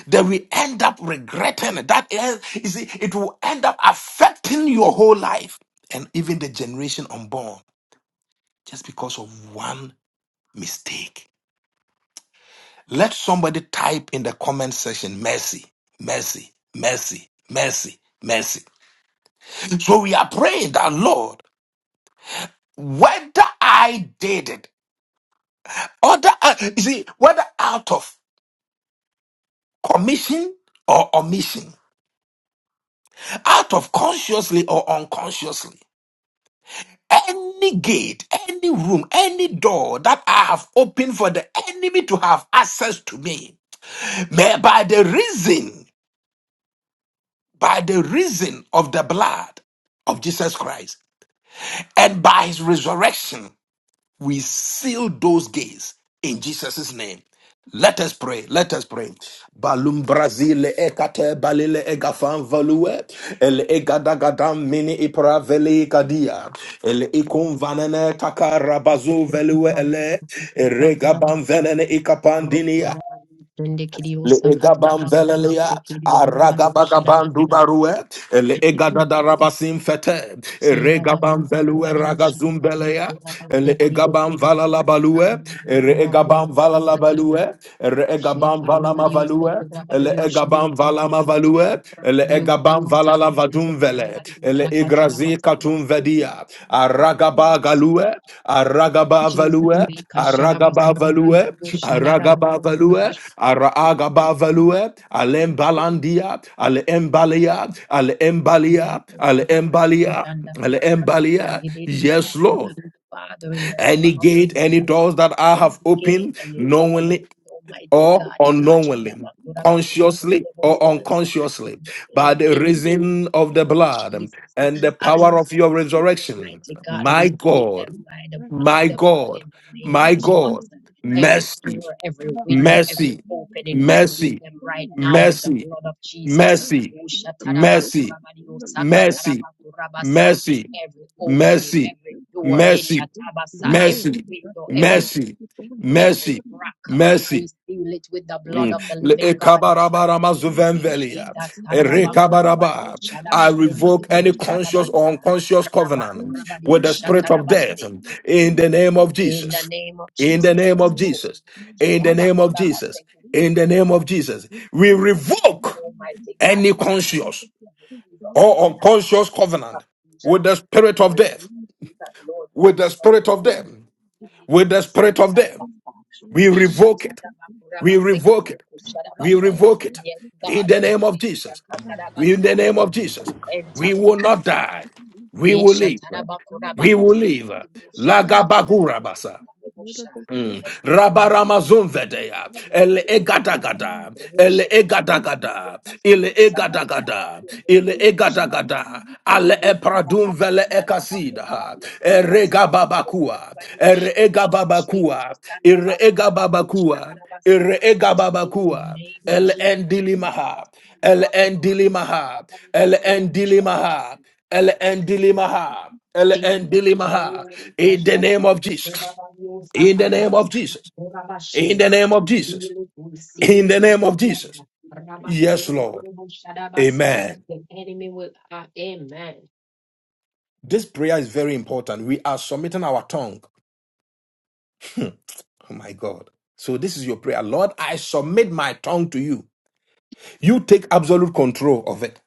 then we end up regretting it. That is, you see, it will end up affecting your whole life and even the generation unborn just because of one mistake. Let somebody type in the comment section mercy, mercy, mercy, mercy, mercy. So we are praying that, Lord, whether I did it, whether I, you see, whether out of commission or omission, out of consciously or unconsciously. any gate, any room, any door that I have opened for the enemy to have access to me, may by the reason, by the reason of the blood of Jesus Christ and by his resurrection, We seal those gates in Jesus' name. Let us pray. Let us pray. Balum Brazil ekate balile egafan value el egadagadam mini ipra veli kadia el ikun vanene takara bazu velue ele eregaban venene ikapandinia
Tende kirio
Legabam velelia,
kiri kurabadio
aragabagabam
shirabasa.
dubarue, elegadadarabasim fete, regabam velue ragazum belea, elegabam valalabalue, regabam valalabalue, regabam Valamavalue, Ele egabam valama value, ele egabam valala vadum vele, ele igrazi
Jesus,
katum vedia, aragaba galue, aragaba value, aragaba value, aragaba value, aragaba value, alem balandia, ale embalia, ale
Father,
embalia,
in
ale
the
embalia, ale embalia. Yes, Lord. Any
name of
gate, any
Jesus,
doors that I
any
have
gate
opened,
and the
knowingly
opening, Almighty
or
God,
unknowingly, consciously or
that give
unconsciously, by the
the
reason of the blood
Jesus
and the power
access
of
to
your
the enemy.
resurrection.
Mighty God,
My
we seal
God,
them by the, bl-
my
the blood
God,
in the name
my
of
God,
Jesus. Every
mercy,
door, every window, every
mercy,
opening, we seal
mercy,
them right
you.
now with the
mercy,
blood of
Thank
Jesus.
you.
mercy, mercy, mercy, mercy,
Every opening,
mercy,
every door,
mercy,
every
mercy,
window, every
mercy,
Every
mercy,
crack, we
mercy,
seal it with the blood of
Mm.
the
Le- e
living God this
kabarabarama
morning.
zuvenvelia.
Sheta
E re
sandaba kurabadio
kabaraba. I revoke any conscious or
shadabasa.
unconscious covenant
Rabakurabadio
with the spirit of death
shatarabase.
in the name of
In the
Jesus.
name of
In the
Jesus,
name
yes,
of
Lord.
Jesus. In the name of Jesus.
Shabakurabase
In the name of
kubikinikurabakurebe.
Jesus. We
Thank you,
revoke
Almighty God,
any
for you.
conscious
For the evil
or
covenant.
unconscious covenant with
Judge
the
him
spirit of
Lord,
death.
you that Lord from
With the
King of the
spirit of
world,
death.
you
With
making you
the spirit
son
of
and
death.
master.
We
Yes,
revoke it.
Shatanda Makuraba
We revoke
Sekinu
it.
Thank
We
Kusharabasa.
revoke it
Yes,
in
God,
the
and
name of
we
Jesus. We, in
Shakatarabasa.
the name of
We
Jesus,
repent.
we will not die. We will live. We will live. Lagabagurabasa.
Eshatarabakurabakosebekeboshatarabasurukurababosha.
Mm.
And we see
Rabaramazonvedeya, el egadagada, el egadagada, il egadagada, il
Rosheliasandabakurabasurusakatarabakurebekebosharabasa.
egadagada, al epradum vele ekasida, erega babakua,
Ekarabadioshandabakurabadirusakatsababakurebekebosha.
erega babakua, irega babakua,
Shelikusandabakurabadirushakarabasa.
irega
In the
babakua,
name of
el
Jesus.
endilimaha, el endilimaha, el
Esatsasandabakurabadiosakatarabaseribushkarabasa.
endilimaha, el endilimaha, el
Jesus,
endilimaha,
Lord,
in the name of
Asharabato,
Jesus.
Korabayo,
In the name of
Sakatarabayo,
Jesus. In
Korabashe.
the name of
we seal
Jesus.
it, we seal
In the
it with
name
the
of Jesus.
blood.
Yes,
Rabashende,
Lord.
Kerebo, Shadabasa.
Amen.
The enemy will, uh, amen.
This prayer is very important. We are submitting our tongue. Oh, my God. So, this is your prayer. Lord, I submit my tongue to you. You take absolute control of it.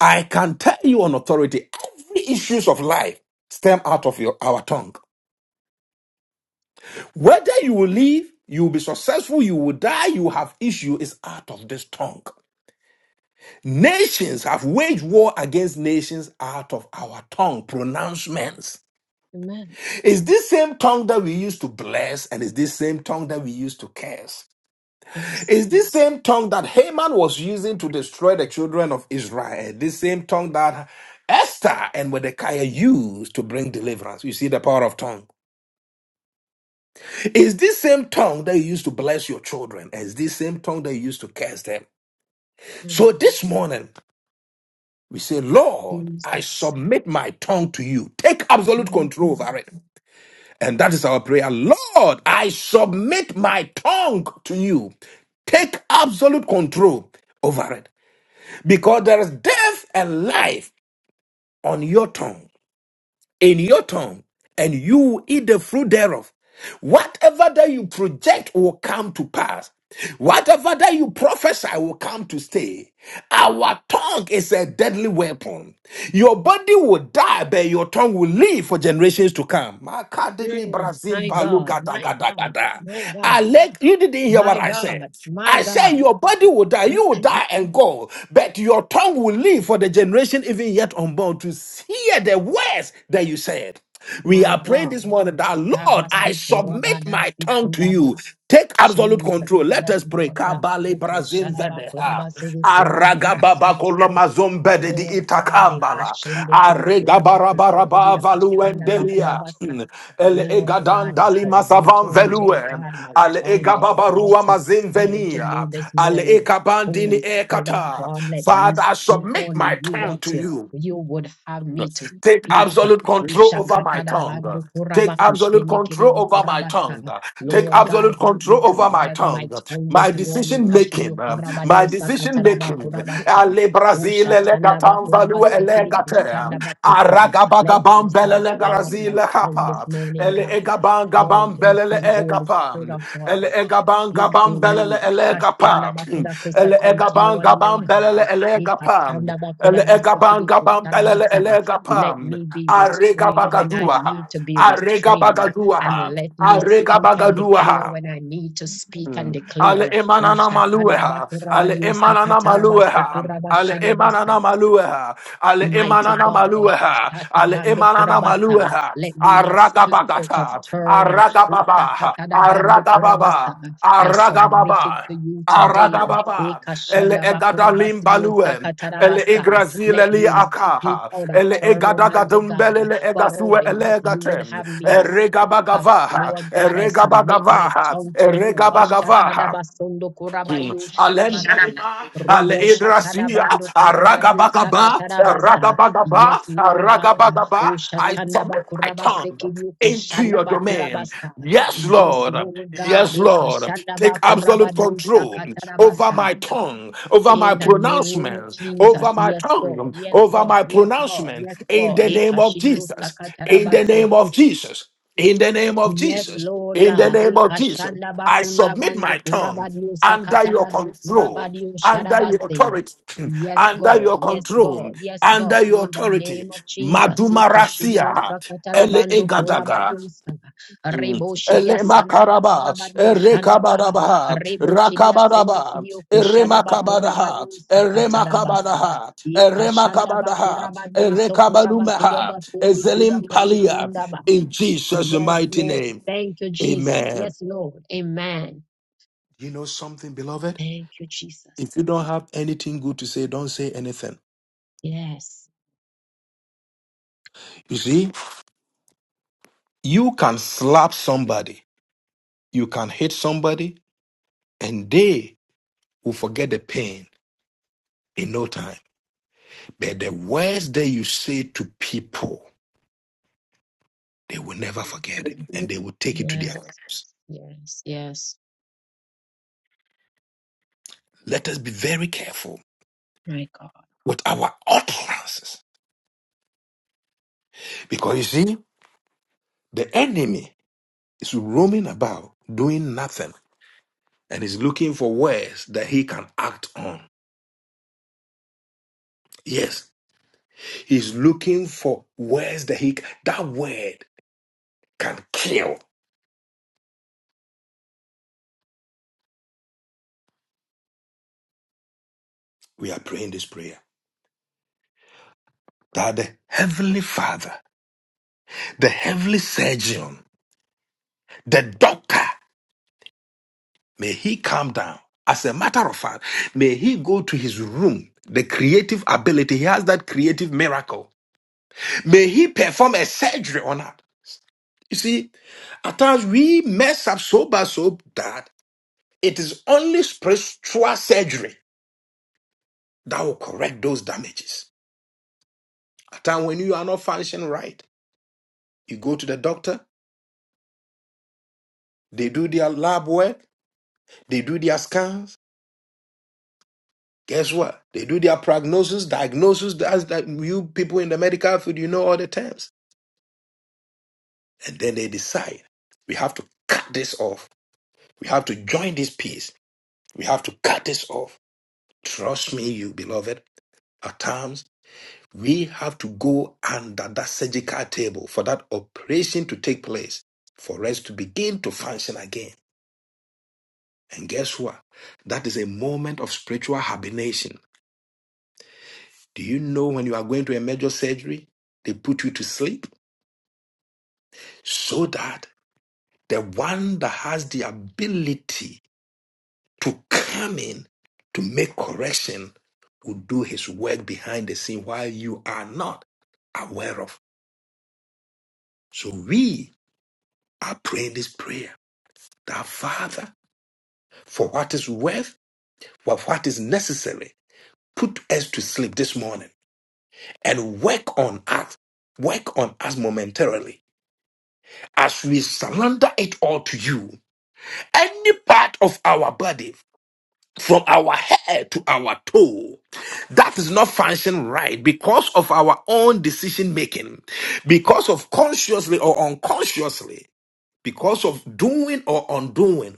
I can tell you on authority every issues of life stem out of your our tongue. Whether you will live, you will be successful, you will die, you have issue is out of this tongue. Nations have waged war against nations out of our tongue pronouncements.
Amen.
Is this same tongue that we used to bless and is this same tongue that we used to curse?
Yes.
Is this same tongue that Haman was using to destroy the children of Israel? This same tongue that Esther and Mordecai used to bring deliverance. You see the power of tongue. Is this same tongue that you used to bless your children? Is this same tongue that you used to curse them?
Mm,
So this morning, We say, Lord, I
Jesus.
submit my tongue to you. Take absolute
Mm,
control over it. And that is our prayer. Lord, I submit my tongue to you. Take absolute control over it. Because there is death and life on your tongue, in your tongue, and you will eat the fruit thereof. Whatever that you project will come to pass. Whatever that you prophesy will come to stay. Our tongue is a deadly weapon. Your body will die, but your tongue will live for generations to come. Makadili
mm. My
brazimba
God, my God,
lugadagadagadagada.
my God,
Ale- You didn't hear what
my
I said.
God, my
I said
God,
your body will die, you will die and go, but your tongue will live for the generation even yet unborn to hear the words that you said. We
my
are praying this
God.
morning that Lord, I
Rabasuko,
submit my
Rabadashi,
tongue to
Kudaba.
you. Take absolute
Jesus,
control. Let
yes,
us pray.
Lord God,
Kabale brazin
Ekashanaba
vedeha.
Kurabasevi Kurabari
Aragababa
Shanabasa.
kolomazom bede di
Lord God,
itakambala.
Ekashende Kiri Kurabaki
Aregabarabaraba
Sekiria Kashanda
valuendelia.
Bakurabasa.
El
Lord
egadan
God, I
dali
submit,
masavan
Almighty
velue.
God, my
Al
tongue, my
egababarua
thoughts, my
mazin
mind to you
venia.
this
Al
morning.
ekabandini
Holy Spirit of
ekata.
God, let me
Father, I
speak
submit
only
my
you
tongue
what
to
you
you.
you would have me to
Take
speak.
absolute control over my
Ushakatala
tongue.
bandu
Take
kuraba
absolute
kushende
control
kiribu
over my
kurabasa.
tongue. Take
Lord God,
absolute
help
control
me to
over my
bridle my
tongue.
tongue this
My
morning.
decision making.
Kashidio
um, My
kurabadio
decision
sakataraba
making.
kurabasa.
you.
Ale
O
Brazil
shatanda
elegatam
bakuraba
Thank
value
sekiri
elegatem.
kushanda bakusa. Let
Aragabagabam
wisdom
belele
flow off
Brazil
my tongue this
hapa.
morning,
Ele
God.
egabam
Grow
gabam belele
wisdom, Holy Spirit
egapam.
of God
Ele egabam
speak
gabam
through
belele
me. Kashanda
elegapam.
bakuda kosa
Ele egabam
continually, O
gabam
God.
belele
Eh, kashanda
elegapam.
bakuda
Elegaban
basekiri
gaban
kushara
belele
basa. Let
elegapam.
me be
Arega
restrained when I
bagaduaha.
need to be
Arega
restrained and
bagaduaha.
let me
Arega
speak and declare
bagaduaha.
when I need to speak and
Mm. Ale
declare.
emanana
Ushatanda
malueha.
bakura
Ale
badiosa
emanana
kataraba
malueha.
sekura
Ale
bashedebosa.
emanana malueha. Ale
Mighty
emanana
God, eh,
malueha. Ale
shatabando
emanana
kurabasa.
malueha.
let me not
Araga
speak out of
bagata.
turn. uh,
Araga baba.
ushakatadabando
Araga
kurabasa.
baba.
I
Araga
submit it to
baba.
you today. uh,
Aradababa, ele egadalim baluen, ele
ekashandabakurabasidiosakatarabasa.
igrazil
Let
eli
me not speak
akaha,
out of
ele
turn, Almighty God,
egadagadumbele
uh,
ele
but
egasue
only
ele
what you would
egatem,
have me to speak. uh,
eregabagavaha,
Lord God, I submit my
eregabagavaha,
tongue to you.
eregabagavaha.
Ashatadabasondo
Hmm.
kurabadioshanabase. Robo
Aledrasia,
Shatadabando Kurabadio
Aragabagaba,
Sakatarabasa. Yes,
Aragabagaba,
Lord God.
Aragabagaba.
O
I
Shatanda
submit my
Bakuraba
tongue
Sekiyuku
into
Shanda
your domain.
Bakurabasa.
Yes,
Yes,
Lord.
Lord God.
Yes,
Eka
Lord.
Shanda
Take absolute
Bakurabadio
control over
Sakatarabasa.
my tongue, over my
In the name of
pronouncements,
Jesus.
over my
Yes, God.
tongue,
Yes,
over
God.
my
Yes, God.
pronouncement.
Yes,
In
God.
the name
Eka
of
Shiryo
Jesus. In the
Sakatarabase.
name of Jesus. In the name of
Yes,
Jesus.
Lord
In the
God.
name of Jesus.
Ekashanda
I
bakunda
submit
bandu
my tongue
kurabadiyo
under your
sakatarandu
control,
kurabadiyo
under your
sharabase.
authority,
Yes,
under
God.
your
Yes,
control,
God. Yes,
under
God.
your
In the
authority.
name of Jesus. Ekoshidiyo
Madumarasia. Ele
sakatarabandu
egadaga.
kurabadiyo saka.
Mm.
Rebo shidiya sanda
Elemakaraba,
bakurabadiyo shandaba.
Erekabarabaha,
Rebo shidiya sende
Rakabaraba,
kidiyo kushadaba
Eremakabadaha,
kurabadiyo sakatarabasa.
Eremakabadaha,
Ekashanda
Eremakabadaha,
bakurabadiyo
Erekabalumaha,
sokurabakudaba fundi
Ezelim Palia,
kudakashikundaba.
in Jesus'
Yes,
mighty
Lord.
name.
Thank you, Jesus.
Amen.
Yes, Lord. Amen.
You know something, beloved?
Thank you,
If
Jesus.
you don't have anything good to say, don't say anything.
Yes.
You see, you can slap somebody, you can hit somebody, and they will forget the pain in no time. But the words that you say to people, they will never forget
Mhm.
it and they will take it to their
Yes.
graves.
Yes. Yes.
Let us be very careful
My God.
with our utterances. Because you see, the enemy is roaming about doing nothing and is looking for words that he can act on. Yes, he's looking for words that he that word can kill. We are praying this prayer that the heavenly Father, the heavenly surgeon, the doctor May he calm down. As a matter of fact, may he go to his room. The creative ability, he has that creative miracle. May he perform a surgery on her. You see, at times we mess up so bad so that it is only spiritual surgery that will correct those damages. At times when you are not functioning right, you go to the doctor, they do their lab work, they do their scans. Guess what? They do their prognosis, diagnosis, as that you people in the medical field, you know all the terms. And then they decide we have to cut this off. We have to join this piece. We have to cut this off. Trust me, you beloved, at times we have to go under that surgical table for that operation to take place, for us to begin to function again. And guess what? That is a moment of spiritual hibernation. Do you know when you are going to a major surgery, they put you to sleep so that the one that has the ability to come in to make correction will do his work behind the scene while you are not aware of. So we are praying this prayer that Father, for what is worth, for what is necessary, put us to sleep this morning and work on us. Work on us momentarily as we surrender it all to you. Any part of our body from our head to our toe. That is not functioning right because of our own decision making, because of consciously or unconsciously, because of doing or undoing.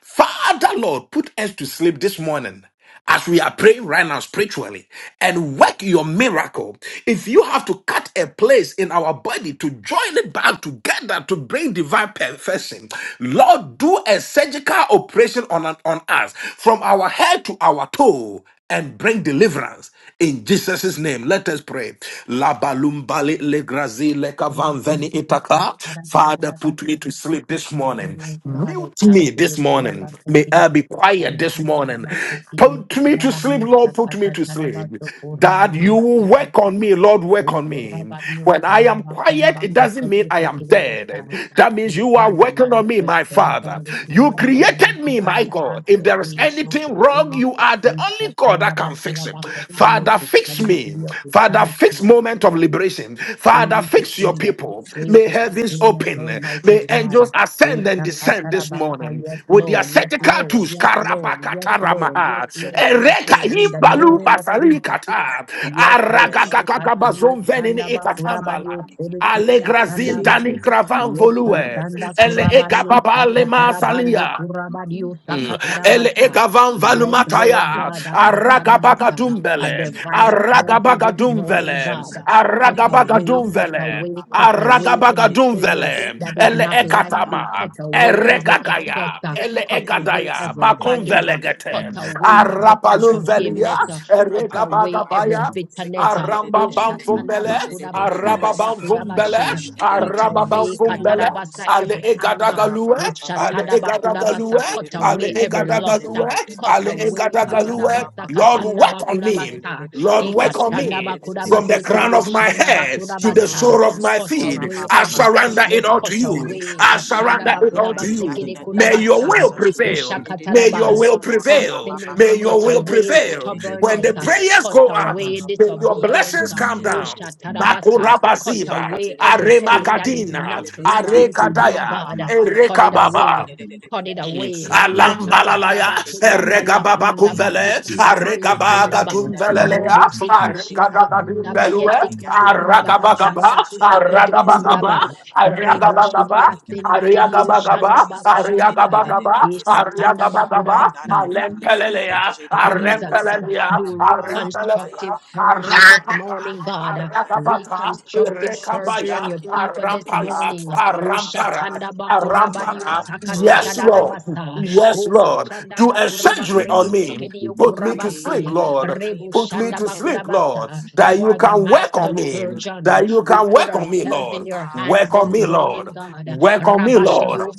Father Lord, put us to sleep this morning as we are praying right now spiritually and work your miracle. If you have to cut a place in our body to join it back together to bring divine perfection, Lord, do a surgical operation on, on us from our head to our toe and bring deliverance in Jesus' name. Let us pray. Labalumbali legrazi
Mhm.
lekavanveni itaka. Father, put me to sleep this morning.
Oh, God, oh,
Mute
God.
me
Kiri,
this
kura,
morning.
ba, so,
May
kiri,
I be
so,
quiet
sanda,
this
ba, kura,
morning.
ba, so, kiri,
Put me
kura,
to
ba,
sleep,
yo, sa,
Lord.
sa,
Put me
sa,
to
sa, da, ba,
sleep.
so, kura, ba,
That
yo,
you
sa,
will
da,
work
ba.
on me, Lord. Work
You
on
are
me.
the
When I am quiet, it doesn't mean I am dead. That means you are working on me,
master
my
servant on
Father.
this
You
morning,
created
Almighty
me, my
God. Have
God. If
your
there is
way, have
anything
your
wrong,
way.
you are the
Please,
only God
in
that can fix it. Father, fix me. Father, fix moment of liberation. Father, fix your
that
people.
place
May
of
heavens
stillness,
open.
Almighty
May
God.
angels
Yes,
ascend and descend this morning with their
Lord, yes,
surgical
Lord,
tools.
yes, Lord, yes, Lord, yes,
Karabakataramaha.
Lord, yes,
Ereka
Lord, in the
himbalu
name of Jesus.
basarikata.
Yes, God. Akatibu
Aragagagagabazon venini
sanda ba kurabani
ikatambala.
o selepidi ya
Alegra
sanda ba.
zindani kravan
Yeka
volue.
sanda
Ele
kurabani o
egababa lema
sakatara bando
salia.
kurabani o
Mm.
sakatara
Ele
basa.
egavan
Yes, Lord
valumataya.
God, akasada basa. A
Aragabagadumbele.
divine surgery this morning,
Aragabagadumbele.
God. ah. Cut away, cut
Aragabagadumbele.
away, cut away anything ah,
Aragabagadumbele.
that is
El
not like
ekatama.
you. Cut away every excess.
Eregagaya.
uh,
Ele
Cut away
egadaya.
every baggage. uh, Cut
Makonvelegete.
away every
Arapalumvelia.
unforgiveness. uh, Cut away every
Eregabagabaya.
bitterness. uh, Oh,
aramba
Shatanda
vumbele.
Bakuda Basanda
Arababam
Bakuda
vumbele.
Bashi. Cut
Arababam
away
vumbele.
Katarabasa
Ale
every anger.
egadagalue,
Oh,
ale
Shatada Bakuda Basa.
egadagalue,
Cut
ale
away every lust. uh,
egadagalue,
Cut
ale
away
egadagalue.
Katarabasa
Lord,
Katanda
work on
Bakuda
me.
Basa.
Lord,
Eka
work on
Shanda
me
Bakuda
from the
Basekin
crown
you
of my
Shanda
head
Bakuda
to the
Basa.
sole of my
Cut
feet.
away
I
every
surrender it
sickness.
all to
Cut
you.
away
I
Kashanda
surrender that it
Bakuda
unto you.
Basekide
May your
Kudabasa.
will prevail. May your
Ushakataraba,
will prevail.
obstinance,
May your
cut
will
away
prevail. When
stubbornness,
the
uh,
prayers
cut
go up,
away
Thank
may your
disobedience,
blessings
uh,
come
oh
down.
Shatarabasa, cut
Makurabaziba,
away
are are
everything that is not
makadina, Are
pleasing to you,
kadaya,
God. uh,
Arekadaya,
Cut it away,
kababa.
cut it away. Kota tanda
Alambalalaya,
ba kunda kanda
Eregababa
kunda bandu
Kumvele,
kunda bandu kunda
Aregabaga
ba robo
Tumvelelea,
seki shindi kunda ba
Aregadagadumbelue,
yedi kindi kunda ba
Aragabagaba,
kanda kuse kindi kunda
Aragabagaba,
ba rebo
Aragabagaba,
shidi asendi kidi
Ariagabagaba,
oshanda ba kura basa
Ariagabagaba,
Ishatanda
Ariagabagaba,
basa.
Alempelelea,
Jesus,
Arempelelea,
do reconstructive
Arempelelea,
surgery this
Aragabagaba,
morning, God. Uh,
Aragabata,
Reconstructive surgery on
Rekabaya,
your people this
Arampala,
morning. Oh,
Arampara,
Shatanda Bakurabadi
Arampara. Yes, Lord.
Sakatadadabasa.
Yes,
Oh,
Lord.
Kuchanda
Do a surgery on
Bakurabaseke
me.
Tekedio
Put me to sleep,
Kurabase.
Lord.
Rebu
Put me
Shanda
to sleep, Lord.
Bakurabasa.
That
You
you
are the
can work on
master
me.
surgeon. Uh,
That you
We
can
put
work on me,
ourselves in
Lord.
your hands
Work
this
on me,
morning,
Lord.
God.
Work on me, Lord.
Rabashidio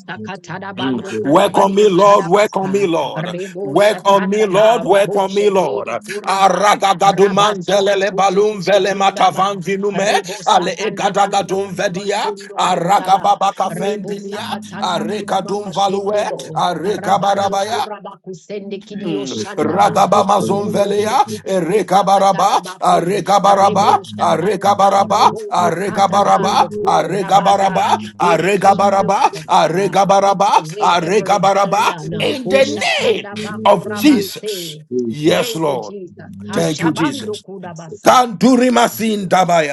Mm.
Sakatadabando
Work on me,
Kurabadio
Lord. Work on
Shadabasa.
me, Lord.
Rebo
Work on me,
Shatanda Ba
Lord. Work
Robo
on me, Lord.
Shekede Kuraba
Aragadaduman
Rabasondo
delele balum
Kusikiti
vele
Kundaba
matavan vinume
Rebo
ale
Satando Kunda
egadagadum
Kadaba
vedia
Shondo Kundaba
aragababa
Rebo
kafendinia
Sakatanda Kudaba
arekadum value
Kashendebo
you.
Rabando
arekabarabaya
Kuraba Kusende Kidio Shandaba Robo
ria
Shekite
era
Kunsa Katadaba
ara
Ku Rebo
ara
Shatanda Ba Robo Sakata Dando
ara
Ku Rabasa
ara
Eka Shandaba
ara
Cut away every
arabaraba
rebellion.
in
O
the name
Shatanda
of Jesus.
Bakurabase. Thank you,
Lord.
Jesus. Hashabando
Jesus,
Kurabasa.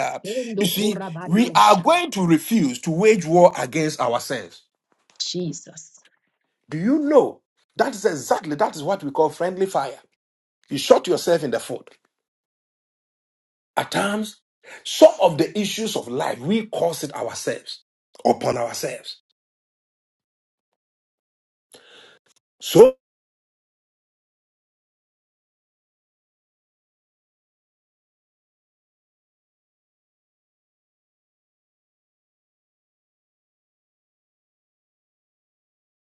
Uh, You
Endo
see, we
Kurabadiosha.
go.
Jesus.
Do you know that is exactly that is what we call friendly fire? You shot yourself in the foot. At times, some of the issues of life we cause it ourselves upon ourselves. So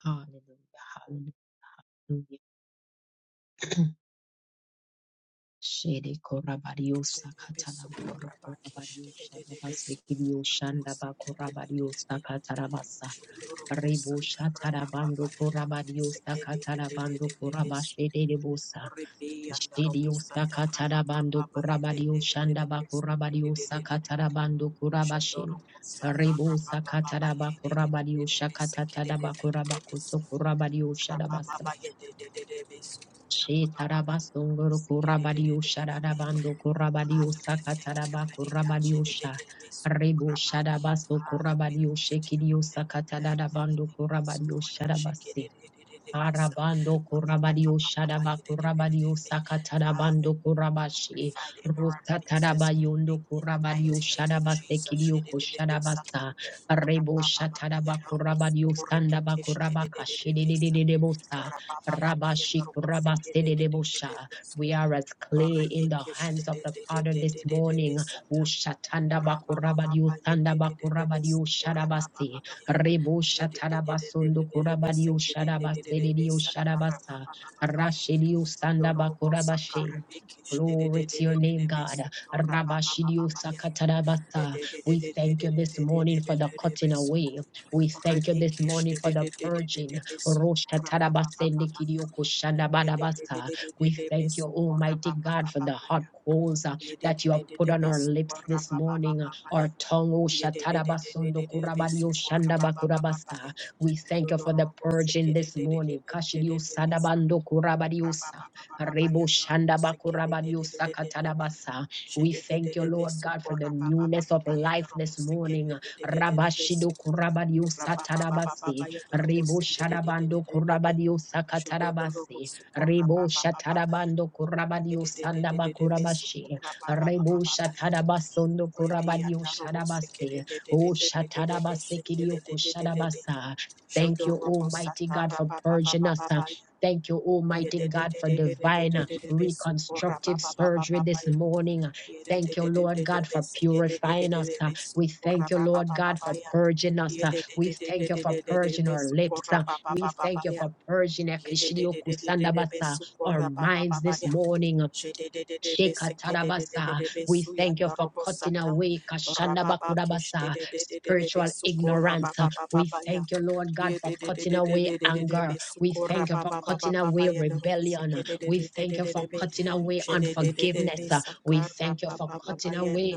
Hallelujah. Hallelujah. Shede Korabadiosa Katanabando Korabadiosha Nabase Kidioshanda Bakurabadiosa Katarabasa. Rebo Shatarabando Korabadiosa Katarabando Korabashede Debosa. Shidio sakatarabando kurabadio shandaba kurabadio sakatarabando kurabashi. Rebo sakataraba kurabadio shakatataraba kurabakusto kurabadio shadabasa. She tarabasongoro kurabadio shadabando kurabadio sakataraba kurabadio sha. Rebo shadabaso kurabadio shekidio sakatarabando kurabadio shadabasi. Arabando korabadio shadaba korabadio sakatarabando korabashi rosatarabayondo korabadio shadaba sekirio koshadabasa rebo shataraba korabadio sandaba korabaka shededededebosa rabashi korabasedebosha. We are as clay in the hands of the potter this morning. O shatanda sandaba korabadio shadabasi Rebo Shatarabasondo Korabadio Sharabasedio Sharabasa Rashidio Sandaba Korabashe. Glory to your name, God. Rabashidio Sakatarabasa. We thank you this morning for the cutting away. We thank you this morning for the purging. Roshatarabasende Kidioko Shandabadabasa. We thank you, Almighty God, for the hot coals uh, that you have put on our lips this morning. uh, our tongue, O Shatarabasundo Kurabadio Shandabakurabasa. We thank you for the purging this morning. Kashidio Sadabando Kurabadiosa. Rebo Shandabakurabadiosa Katarabasa. We thank you, Lord God, for the newness of life this morning. Rabashido Kurabadiosa Tarabasi. Rebo Shadabando Kurabadiosa Katarabasi. Rebo Shatarabando Kurabadiosa Ndabakurabashi. Rebo Shatadabasondo Korabadio Shadabase. O Shatadabase Kidio Koshadabasa. Thank you, Almighty God, for purging us. uh. Thank you, Almighty God, for divine uh, reconstructive surgery this morning. uh. Thank you, Lord God, for purifying us. uh. We thank you, Lord God, for purging us. uh. We thank you for purging our lips. uh. We thank you for purging uh, Kishidio Kusandabasa, our minds this morning. Shekatarabasa. We thank you for cutting away kashandabakurabasa, spiritual ignorance. We thank you, Lord God, for cutting away anger. We thank you for cutting away rebellion. We thank you for cutting away unforgiveness. We thank you for cutting away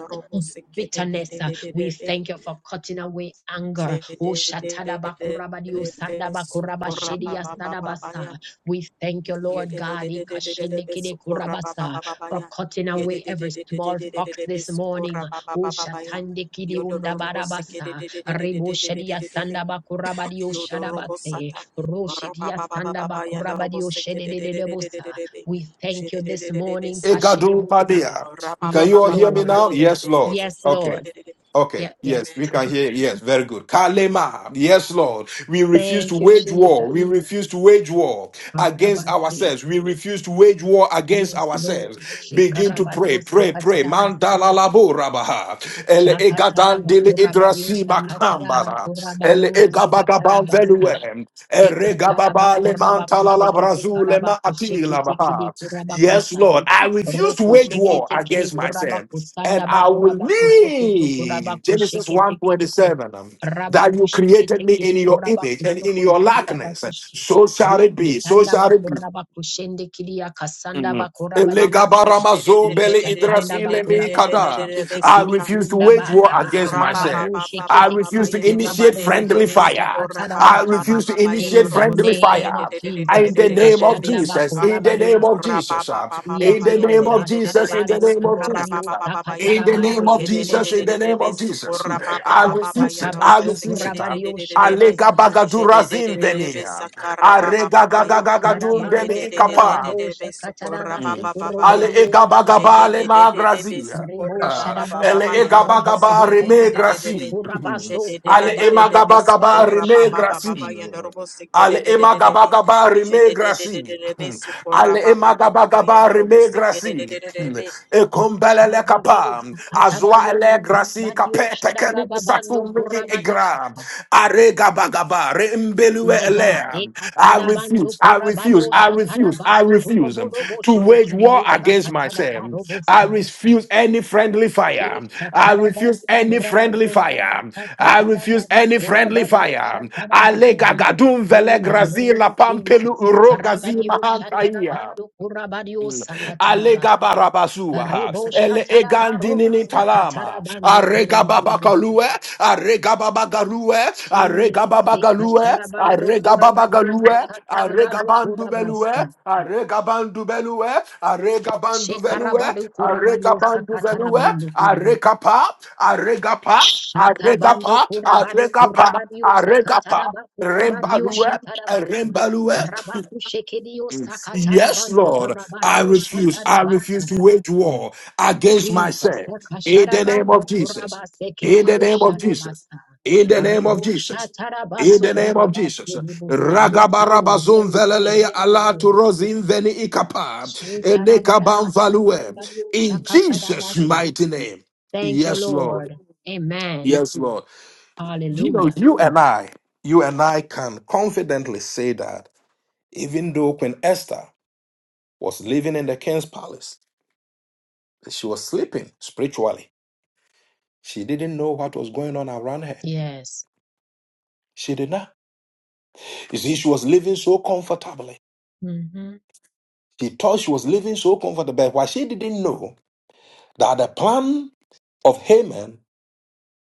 bitterness. Uh, We thank you for cutting away anger. Oh, shatada shatadabakurabadiyo sandabakurabashidiya sadabasa. We thank you, Lord God, ikashindikide kurabasa, for cutting away every small fox this morning. Oh, shatandikidiundabarabasa, riboshediya sandabakurabadiyo shadabase, roshediya sandabakurabadiyo shedidedebusa. We thank you this morning,
Egadu
Kashidibusa.
Padea. Can
Yes,
you all hear me
Lord.
now? Yes, Lord.
Yes,
Okay.
Lord.
Okay,
Yeah, yes.
yes, we can hear. Yes, very good. Kalema, yes, Lord. We refuse to
Thank you,
wage war. We
Jesus.
refuse to wage war against
Karabasi.
ourselves. We refuse to wage war against
Yes, Lord.
ourselves. Begin to pray,
Shikarabariosa
pray, pray.
katarabasi.
Mandala labo rabaha. Ele egadan dili idrasi
Shakatarabakurabadiosa
makambara. Ele
katarabakurabadiosa
egabagaban
katarabasa.
veluem. Eregababa le mantala
Ekatarabakurabakuse kete
labrazu le
karabakushe
ati
kete kede
labaha. Yes,
you.
kurabakusa.
Lord. I refuse to wage
Rokosheke
war
tekere
against
kuraba
myself and
kusanda
I will
bakuraba kusokoto kuraba
live. Genesis
kusheke
one
tekere
twenty
ku-
seven um,
raba
That you
kusheke
created me
tekere
in your
kuraba
image and in
kusokoto
your
kuraba
likeness.
kushi.
So shall it
kushe.
be. So
ba
shall it be.
kuraba kushende kiriya kasanda bakuraba riusa.
Elegabaramazo bele
Yesha tanda
idrasile mi
bakuraba
kada.
kusheke
I
tekere
refuse to
kunda ba.
wage war against
Raba
myself.
do sheke
I
tekere
refuse to
kuraba
initiate
do
friendly
bosokuta
fire.
katara
I
batsa.
refuse to initiate
In the
friendly
name of
fire.
Jesus,
In the
we
name of
kashanda ba
Jesus, in
kuraba
the name
riusa.
of Jesus, uh,
Yes,
in the name
Lord.
of Jesus, in the
Ashadabando
name of Jesus,
kurabadio
uh, in the name
sakatarabande
of Jesus,
kedebosha.
in the name of Jesus, Mm. I refuse it. I
Shatabasto
refuse it. uh.
kurabadio
Alega
shadabasta.
bagadura zinvenia. Arega
Oh,
gagagadun deni
shadabando
ikapa.
kurabado sakatarabaste
Mm. Ale
kurobodio
egabagaba le
sakataraba.
magrazia.
Rebo
Ah, Ele
shadabasto
egabagaba
kurabando
reme
kurabashi
graci.
kurabasto
Ale
kurabando
emagabagaba
kurabadio
reme
sha.
graci. Ale emagabagaba reme graci. Ale emagabagaba reme graci. E kombele le
Shabaro
kapa. Azwa ele
sakatarayono
graci
kurabadio
kapete keni
shadabababando
isatumi
kurabadio.
igra. Are gabagaba re mbelue
My
ele.
God,
I
ekatadabando
refuse. I refuse,
korabado
I refuse, I
shatarabaso
refuse um,
koroborobo
to wage war
shibikidio
against myself. I
sakatadabarobosa.
refuse any friendly fire. I refuse
Ekatarabando
any friendly
korabadio
fire. I refuse
sakatadabado
any friendly
korabadio
fire. Ale
shatarabasa.
gagadum vele
In the
grazi
name
la
of
pampelu
Jesus,
uro gazi
ekarabadio
mahantaia.
shatarabando korabadio sakataraba.
Alegabarabasua,
Rebo
ele egandini
shatarabarobo
ni talama,
sakatarabando korabadiosa.
aregababakalue, aregababagalue,
Jesus,
aregababagalue,
ekasharabando korabadio
aregababagalue, pa,
sakatarabado
aregabandubelue,
korabasa.
pa, aregabanduvelue,
Shekarabadu kurabadiu
pa,
sakatarabando kurabatsi.
aregapa,
Shatabando
pa,
kurabadu kurabadiu
aregapa, pa,
sakataraba kurabadiu
rembalue,
shatarabatsi.
rembalue,
Rabaku shekediu
Yes,
sakatarabando
Lord, I
kurabadiu
refuse. I refuse to
shatarabasa.
wage war against
Jesus,
myself. In the name of
sakasharabando
Jesus.
kurabase
In the
kediu
name of Jesus.
sharabasa.
In the name of
Rebo
Jesus. In
shatarabasu
the name of Jesus.
kurabashkedibusta. Yes, Lord, yes,
Ragabarabazum
Lord,
velele
yes,
alatu
Lord.
rozin veni ikapa. Enekabam
Shetarabarabasu
value.
kurabadiu
In Jesus'
shakatarabasa.
mighty name.
Thank you,
Yes, Lord.
Lord. Amen.
Yes, Lord. You know,
Hallelujah.
you and I, you and I can confidently say that even though Queen Esther was living in the king's palace. She was sleeping spiritually. She didn't know what was going on around her.
Yes.
She did not. You see, she was living so comfortably.
Mm-hmm.
She thought she was living so comfortably, but what she didn't know that the plan of Haman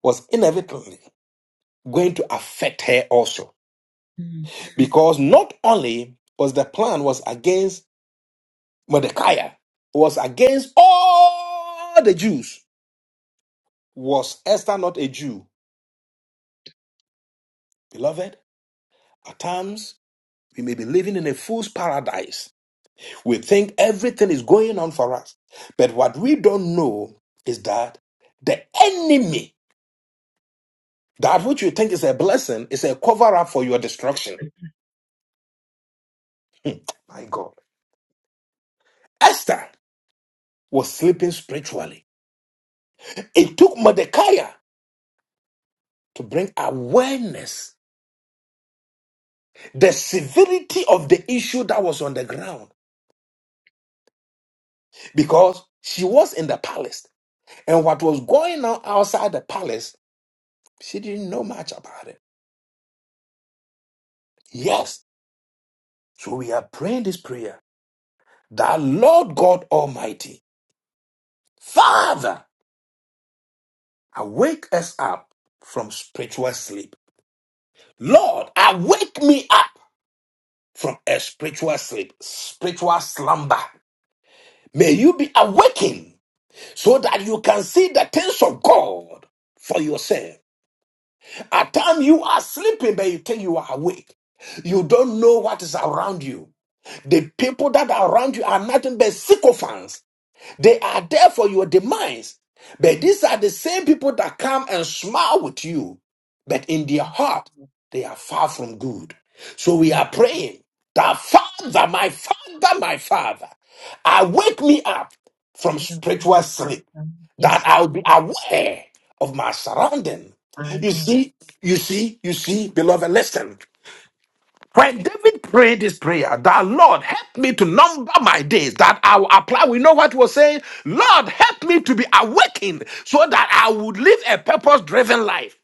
was inevitably going to affect her also.
Mm-hmm.
Because not only was the plan was against Mordecai, it was against all the Jews. Was Esther not a Jew? Beloved, at times We may be living in a fool's paradise. We think everything is going on for us. But what we don't know is that the enemy, that which you think is a blessing, is a cover up for your destruction. Hmm, My God. Esther was sleeping spiritually. It took Mordecai to bring awareness, the severity of the issue that was on the ground, because she was in the palace. And what was going on outside the palace, she didn't know much about it. Yes, So we are praying this prayer that Lord God Almighty, Father, awake us up from spiritual sleep. Lord, awake me up from a spiritual sleep, spiritual slumber. May you be awakened so that you can see the things of God for yourself. At time you are sleeping, but you think you are awake. You don't know what is around you. The people that are around you are nothing but sycophants. They are there for your demise. But these are the same people that come and smile with you, but in their heart, they are far from good. So we are praying that Father, my Father, my Father, I wake me up from spiritual sleep, that
Yes,
I'll
Lord.
be aware of my surrounding.
My
You
God.
see, you see, you see, beloved, listen. When David prayed this prayer, that Lord help me to number my days, that I will apply. We know what he was saying. Lord help me to be awakened so that I would live a purpose driven life.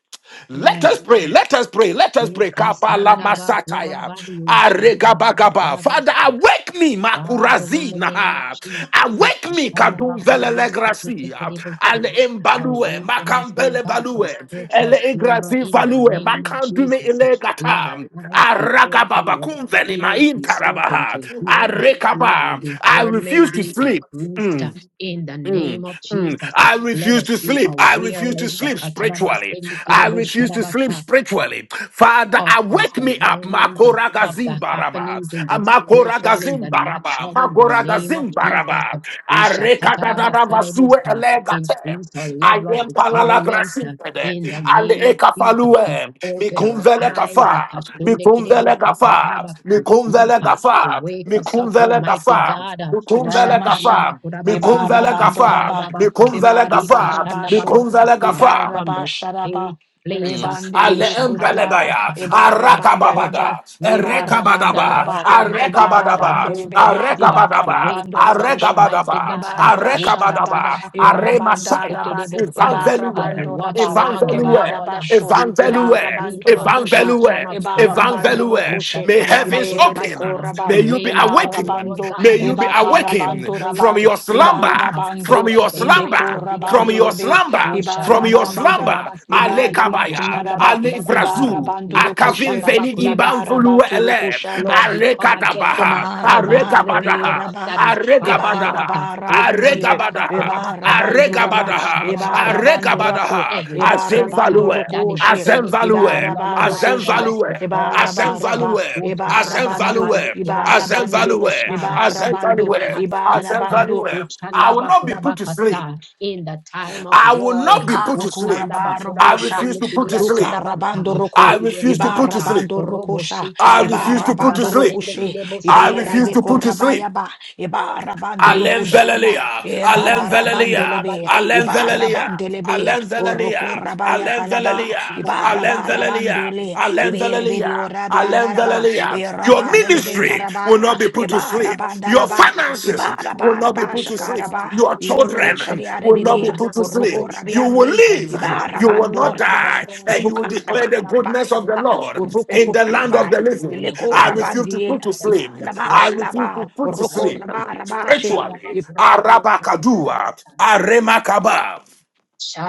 Let
Yes.
us pray. Let us pray. Let us pray. Kabala masataya. Aregabagaba. Father,
Shekasandabakurabariyoshatarabakurabasatarabas.
awake me,
Father, in
Makurazi.
the name of
Naha.
Jesus, if
Awake
we
me,
shanda
Kadum
bakura basekete
Velelegracia ale
kedebosa,
embalue
awaken us, O
makambele
God, from
balue
spiritual
ele
slumber
igrasi
in the
value
name of
makandume
Jesus.
ile
Let
gata
our eyes be
araka
open,
baba
let our
kumveli ma
ears be open
intarabaha
to hear, let our
arekaba I
discernment
refuse to
be
sleep
increased
Mm.
uh, in the
Mm,
name of
mm.
Jesus.
I
Let
refuse
us
to
be
sleep. I
aware.
refuse
eh,
to sleep spiritually.
shakatarabasende
I refuse to sleep
kedeboshadabasa,
spiritually. Father,
of our
awake me up.
surroundings, uh, of the
Makoragazimbaraba.
happenings in the spiritual, in the
Makoragazimbaraba.
natural, in the name of Jesus.
Makoragazimbaraba. Arekatadadavasue
Ushakatarabasadebosa.
elegate.
Increase our
I
level of
am
discernment uh,
palalagrasimpede.
in the
And
name of Jesus.
ekafalue.
Open our
Mikumvele
eyes uh,
kafa. Mikumvele gafa.
kashindekidebusakatarabas, to sleep.
Mikumvele
uh,
gafa.
Wake us up,
Mikumvele
Almighty
gafa.
God. uh,
Mikumvele
Shutayamasha,
gafa. Mikunza
Ibara
la gafa,
Bandoraba,
Ushatandabakurabasindiakashadababasa,
mikunza la
Ibara
gafa,
Barabashu,
mikunza la
Ikashandabakurabasa,
gafa,
Ibara
From the space
Basharaba,
place. uh,
Ribandiri Kudaba,
Alembelebaya,
Oshakatarabasa,
Ibara
of
Bandaraba,
spiritual
Arakababada,
slumber.
Ibara
Some of
Erekabadaba,
us,
Bandalaba,
Almighty
Ibara
God, are
Arekabadaba,
Bandiribe,
dozing off. uh,
Ibakara
Arekabadaba,
Wake us up,
Bandorokosha,
Almighty
Arekabadaba,
God.
Ibarabasharaba,
Arekabadaba, Aremasaya,
Irabandaraba,
Oshakatarabakurabasikekekerebosa. As
Evangelue,
Ibarabandoraba,
watchmen on the
Evangelue.
wall, uh,
Kibarabasho,
we cannot
Evangelue,
sleep. uh, We
Ibarabandorokusha,
Evangelue,
cannot slumber.
Evangelue.
Ibarabandorokushe,
May heavens open.
Oshakatarabakurabasa.
Iberebekoraba,
May you be
Wake us up,
awakened.
Lord
Ibarabando,
May
God.
you be
Give us the
awakened
grace
from
Ibakarabandoraba,
to
your
stay
slumber,
awake. uh,
from
Give
Ibarabando,
us
your
the grace to
slumber,
be
from your
alert. uh,
Indekorabanderebe,
slumber, from your
Ushatanda
Ibarabanduda,
slumber,
bakurabas in the
Ale
Kiryu
Kabaya,
Kushtanda
Ibadamakunaraba,
Ale
bakurabasa.
Vrazu,
Ye
Akavin
Ibarabandorokushe,
Kashtanda
Veni
bakurabasa.
Imbamvulu Ele,
Ibarabaturukushanda,
Lord, we
Ale
come against uh,
Kadabaha,
every
Ale
Emarabare
spirit
be
uh,
Kabadaha,
that
rabaya,
is
Ale
fighting us.
Kabadaha.
uh,
ebarabara
oh,
bandie,
Aregabadaha,
ebarabanduraba,
Aregabadaha,
ebarabanduraku,
Aregabadaha,
Every
Azem
spirit uh,
Value,
that is
ebarabandurukushi,
Azem
singing sweet
Value,
lullaby
Azem
for
ebarabadukusha,
us
Value,
to fall
Azem
asleep. uh,
Value,
ebarabaraba,
oh,
Azem
ebarabandu,
Value, Azem
ebarabandi,
Value, Azem
We
ebarabandu,
will
Value,
not sleep.
Azem
uh,
ebarabandu,
Value.
oh,
I will not be put to sleep.
In the time of
I will
war.
not
uh,
be put
oh,
to
Ikaruku
sleep. I
rabarabusha,
refuse to put to
ruka
sleep.
rabando
I
ruku,
we will
refuse to
not
put to
uh,
sleep.
ibarabando
robo
rukusha,
shiki
I
yanda
refuse to put to
ibarabando
bakuraba
sleep.
sende
rukushi,
kidebo
I refuse to
iberebeko
put
shakadabasi.
to sleep.
rabayaba, ibarabando
Alem
Jesus.
rukushanda,
Velelia,
ela
Alem
Sharabando
Velelia,
barabandelebe,
kurabadi
Alem
usaka
Velelia,
ibarabandelebe,
Alem Velelia,
oruko rabaya
Alem
kalaba,
Velelia, Alem Velelia,
ibarabarabandule,
Alem
ibelebedi
Velelia, Alem
orabiandalaba,
Velelia. Your
irabandelebe
ministry will
karabaya,
not be put to
We will
sleep. Your
ibarabandalabaya,
finances will not be put
ibarabalabasha
to sleep.
karaba,
Your children will not
iroshadiaredebe,
be put
not
to
be
Uruko
sleep.
put to
You will
sleep
rabiande,
by
live,
the
ibara
you
spirit
will
bando
not
of
rabai,
die,
slumber.
and you will
ruka
We shall
declare the
rabanda
goodness
baya
of the
ba,
Lord
uruko
in the
kuta
land of the
rabaya,
living.
was your
ileko
I
mercy,
refuse to
God,
rabandie,
put to sleep.
the
ibana
I
masha
grace
refuse
of
laba,
God.
to put to
uruko
sleep
rabara bashe,
spiritually. Arabakadua,
Mashiach,
aremakaba.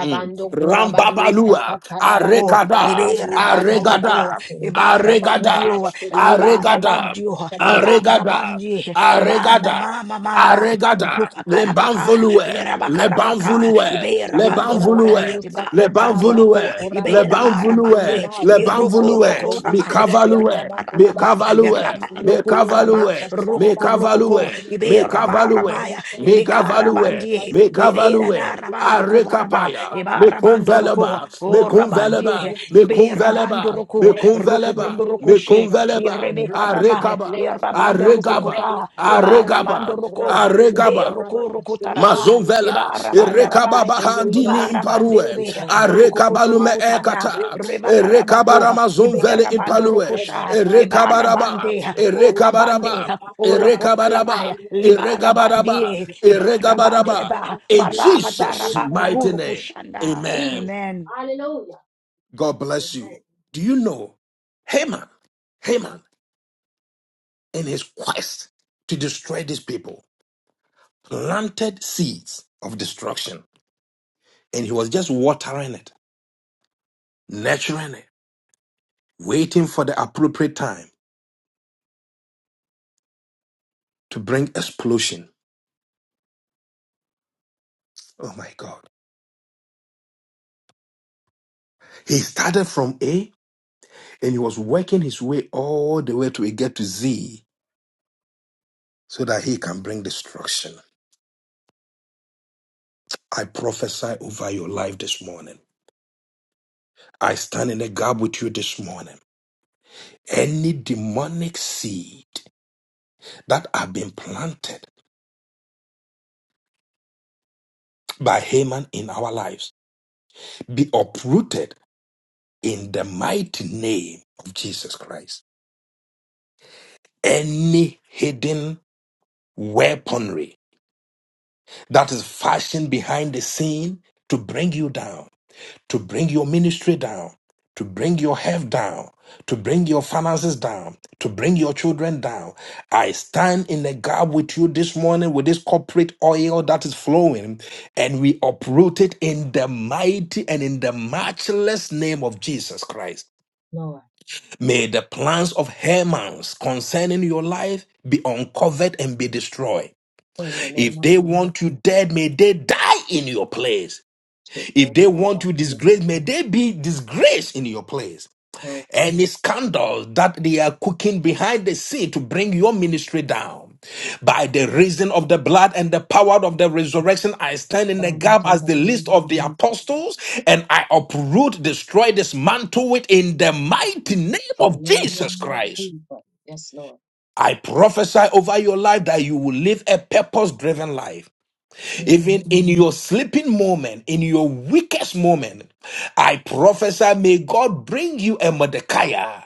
Mm.
Kurabadio
Rambabalua,
Sakatarabando
Roko,
arekada,
Kurabadio
Ibera Bando Roko,
aregada,
Sakatarabaste.
Ibara
Rebo
aregada,
Bandio,
Kushekete Kiri
aregada,
libarabandio,
Kurabakusharabasta.
aregada,
ibarabandi, imana
aregada,
mama mana,
aregada,
ruka
le
rukakarabaka,
banvolue, le
irabakarabaka,
banvolue, le
iberabandoraba,
banvolue,
Ekarabadiusa
le banvolue,
katarabando
ibarabandoroko,
le
korabadiusu
banvolue,
iberabarabandi,
le
korabado koraba
iroko
banvolue,
roko
mi
raba,
roboshiria
cavalue,
sandaba
mi
irabarababa,
korabasa.
cavalue, mi
Yes, Lord.
irabarokutaraba,
cavalue, mi
rokoko
Ekasharabasa
rokoko,
cavalue, mi
kitekurabasa.
cavalue,
iberabarabaya,
Awaken
me
us out of
gavalue,
spiritual
ilikarabandi,
me
slumber.
cavalue,
Usatanaba
irerabarabarokotaraba,
arekapaya, me
korabasa
ibarabandoroko,
conveleba, me
katarabasa.
conveleba,
orabandi,
Let us
me
be sharp.
conveleba, me
iberabandoroko,
Let us be
conveleba,
ready.
rokokondoroko
me
Let us be
conveleba,
Yerebeka
alert.
Ramaya,
arekaba,
Let us be
Yerabande
battle
aregaba,
ready.
Rukukota, Eba
Kashanda kuraba
Rabando
aregaba,
Rukoha,
korabasinu
Ibe
aregaba,
koraba
Ruku
kashende
Rukutaraba,
Kirebusa.
Mazonvela,
Eba Rabanda Rabaya, Liba
Erekababahandini
Rabakushenikorabasa.
Rabande
imparue,
Let
Rebe,
our minds be
Rukukutu
Arekabalume
sharper.
Rukutanda,
ekata,
Reba Karabatoha, Ibe
Erekabaramazonvele
Ekashenikorabasa.
Rabando
impalue,
Let our
Rukusha,
hearts be
Eba
Erekabaraba,
Rabande,
strong.
O
Erekabaraba,
Rabande, O Lokota
Erekabaraba,
Labaya, Liba
Oshakatarabakorabakushenikorabasa.
Eregabaraba,
Rabandi, Iba Rabande
Eregabaraba.
Leba,
In
Marabata
Jesus'
Rabakutu
mighty
Intakarabakurokorabadiosarabasa.
name,
Rukushanda.
amen.
Jesus,
Amen.
hallelujah.
God bless you.
Amen.
Do you know Haman, Haman, in his quest to destroy these people, planted seeds of destruction and he was just watering it nurturing it, waiting for the appropriate time to bring explosion. Oh my God. He started from A and he was working his way all the way to get to Z so that he can bring destruction. I prophesy over your life this morning. I stand in the gap with you this morning. Any demonic seed that have been planted by Haman in our lives be uprooted in the mighty name of Jesus Christ. Any hidden weaponry that is fashioned behind the scene to bring you down, to bring your ministry down, to bring your health down, to bring your finances down, to bring your children down. I stand in the gap with you this morning with this corporate oil that is flowing, and we uproot it in the mighty and in the matchless name of Jesus Christ.
Lord,
May the plans of Hermans concerning your life be uncovered and be destroyed.
in the name
If
of
they
Jesus,
want you dead, may they die in your place.
take
If
all
they want
Father,
you
we
disgraced, may they be disgraced in your place.
pray, God.
Any scandals that they are cooking behind the scene to bring your ministry down. By the reason of the blood and the power of the resurrection, I stand in the
Father, in
gap as
the
the
name
list
of
of the
Jesus,
apostles and I uproot, destroy, dismantle it in the mighty name
the
of Jesus
name of
Christ.
Jesus, yes, Lord,
I prophesy over your life that you will live a purpose driven life.
in the name
Even
of
in your
Jesus.
sleeping moment, in your weakest moment, I prophesy, may God bring you a Mordecai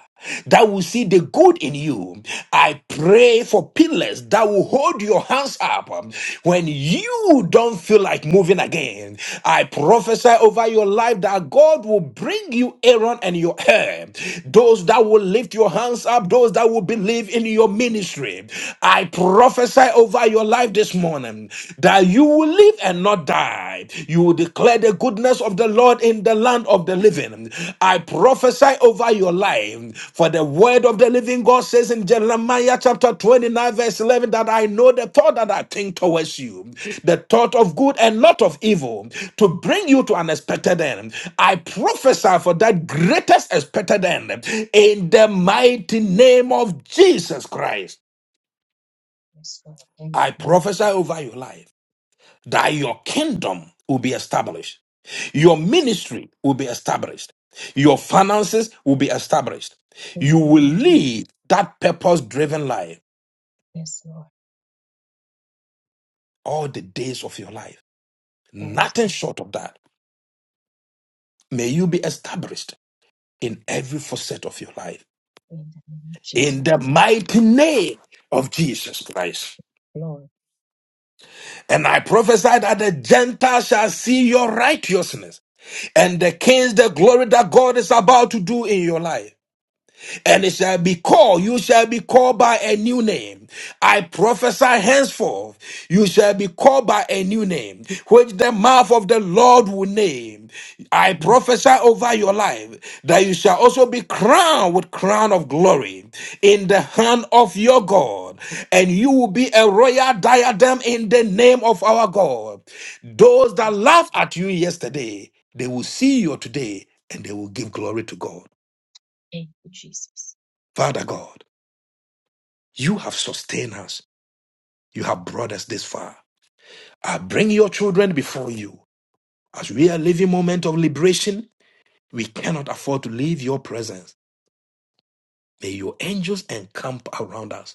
that will see the good in you. I pray for pillars that will hold your hands up um, when you don't feel like moving again. I prophesy over your life that God will bring you Aaron and your hair, those that will lift your hands up, those that will believe in your ministry. I prophesy over your your life this morning that you will live and not die. You will declare the goodness of the Lord in the land of the living. I prophesy over your life, for the word of the living God says in Jeremiah chapter 29, verse 11, that I know the thought that I think towards you, the thought of good and not of evil, to bring you to an expected end. I prophesy for that greatest expected end in the mighty name of Jesus Christ.
Yes, Lord. Thank you.
I prophesy over your life that your kingdom will be established. Your ministry will be established. Your finances will be established.
In the
You
name
will
of Jesus.
lead that purpose driven life
Yes, Lord.
all the days of your life.
Yes.
Nothing short of that. May you be established in every facet of your life.
In the name of Jesus.
In the mighty name of Jesus Christ.
Lord.
And I prophesy that the Gentiles shall see your righteousness and the kings the glory that God is about to do in your life. and it shall be called, you shall be called by a new name. I prophesy henceforth, you shall be called by a new name, which the mouth of the Lord will name. I
In the name
prophesy over
of
your life that you shall also be crowned with crown of glory in the hand of your God, and you will be a royal diadem in the name of our God. Those that
Jesus.
laughed at you yesterday, they will see you today and they will give glory to God.
Thank you, Jesus.
Father God. You have sustained us. You have brought us this far. I bring your children before you. As we are living moment of liberation, we cannot afford to leave your presence. May your angels encamp around us.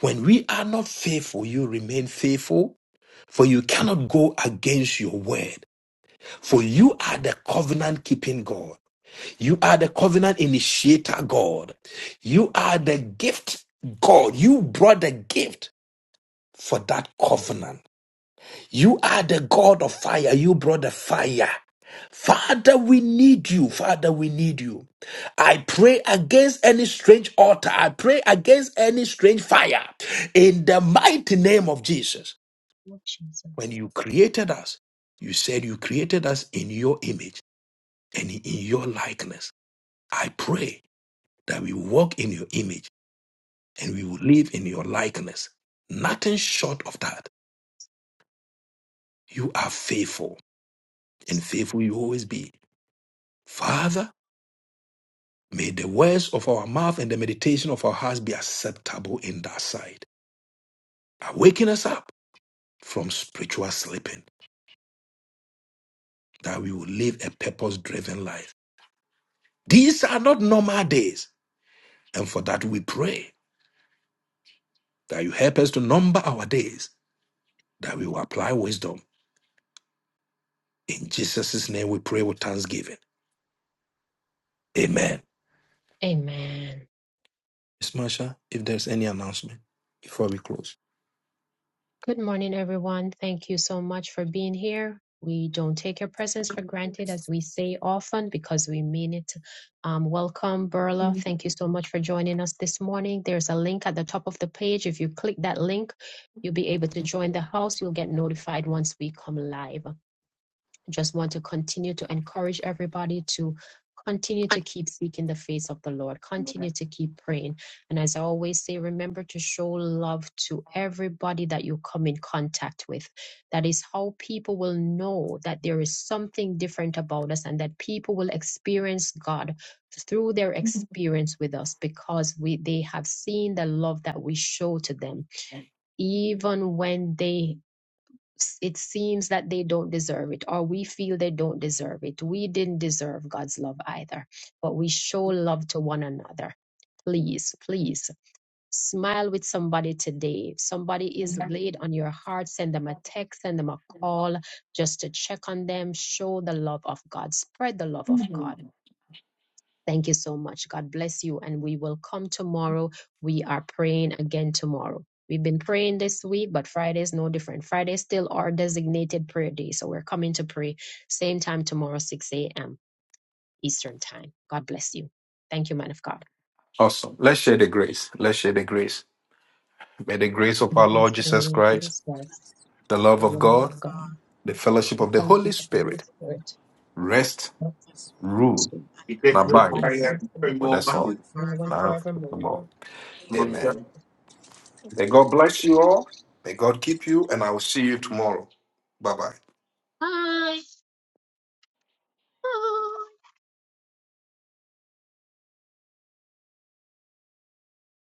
When we are not faithful, you remain faithful, for you cannot go against your word. For you are the covenant keeping God. You are the covenant initiator God. You are the gift God. You brought the gift for that covenant. You are the God of fire. You brought the fire. Father, we need you. Father, we need you. I pray against any strange altar. I pray against any strange fire. In the mighty name of Jesus.
Lord Jesus.
When you created us, you said you created us in your image and in your likeness. I pray that we walk in your image and we will live in your likeness. Nothing short of that. You are faithful, and faithful you always be. Father, May the words of our mouth and the meditation of our hearts be acceptable in thy sight, awaken us up from spiritual sleeping, that we will live a purpose driven life. These are not normal days, and for that we pray that you help us to number our days, that we will apply wisdom. In Jesus' name we pray with thanksgiving. Amen.
Amen.
Miss Marsha, if there's any announcement before we close.
Good morning, everyone. Thank you so much for being here. We don't take your presence for granted, as we say often, because we mean it. Um, welcome, Burla. Thank you so much for joining us this morning. There's a link at the top of the page. If you click that link, you'll be able to join the house. You'll get notified once we come live. just want to continue to encourage everybody to continue to keep seeking the face of the Lord, continue to keep praying. And as I always say, remember to show love to everybody that you come in contact with. That is how people will know that there is something different about us and that people will experience God through their experience with us because we they have seen the love that we show to them even when they s- it seems that they don't deserve it, or we feel they don't deserve it. We didn't deserve God's love either, but we show love to one another. Please, please smile with somebody today. If somebody is laid on your heart, send them a text, send them a call just to check on them. Show the love of God, spread the love of God. Thank you so much. God bless you. And we will come tomorrow. We are praying again tomorrow. We've been praying this week, but Friday is no different. Friday is still our designated prayer day. So we're coming to pray same time tomorrow, 6 a.m. Eastern time. God bless you. Thank you, man of God.
Awesome. Let's share the grace. Let's share the grace. May the grace of
The
our Lord
grace of our
Jesus
Lord
Christ,
Jesus Christ,
the love
the
of
love of
God,
God,
The fellowship
the
of the
fellowship
Holy
of the Holy
Spirit
Spirit,
rest,
rest
rule, and
It will
and
abide
abide with
require
us now
with
more
us all,
money.
now and
now and
forevermore.
forevermore.
Amen.
Amen. May God bless you all. May God keep you, and I will see you tomorrow. Bye bye.
Bye. Bye.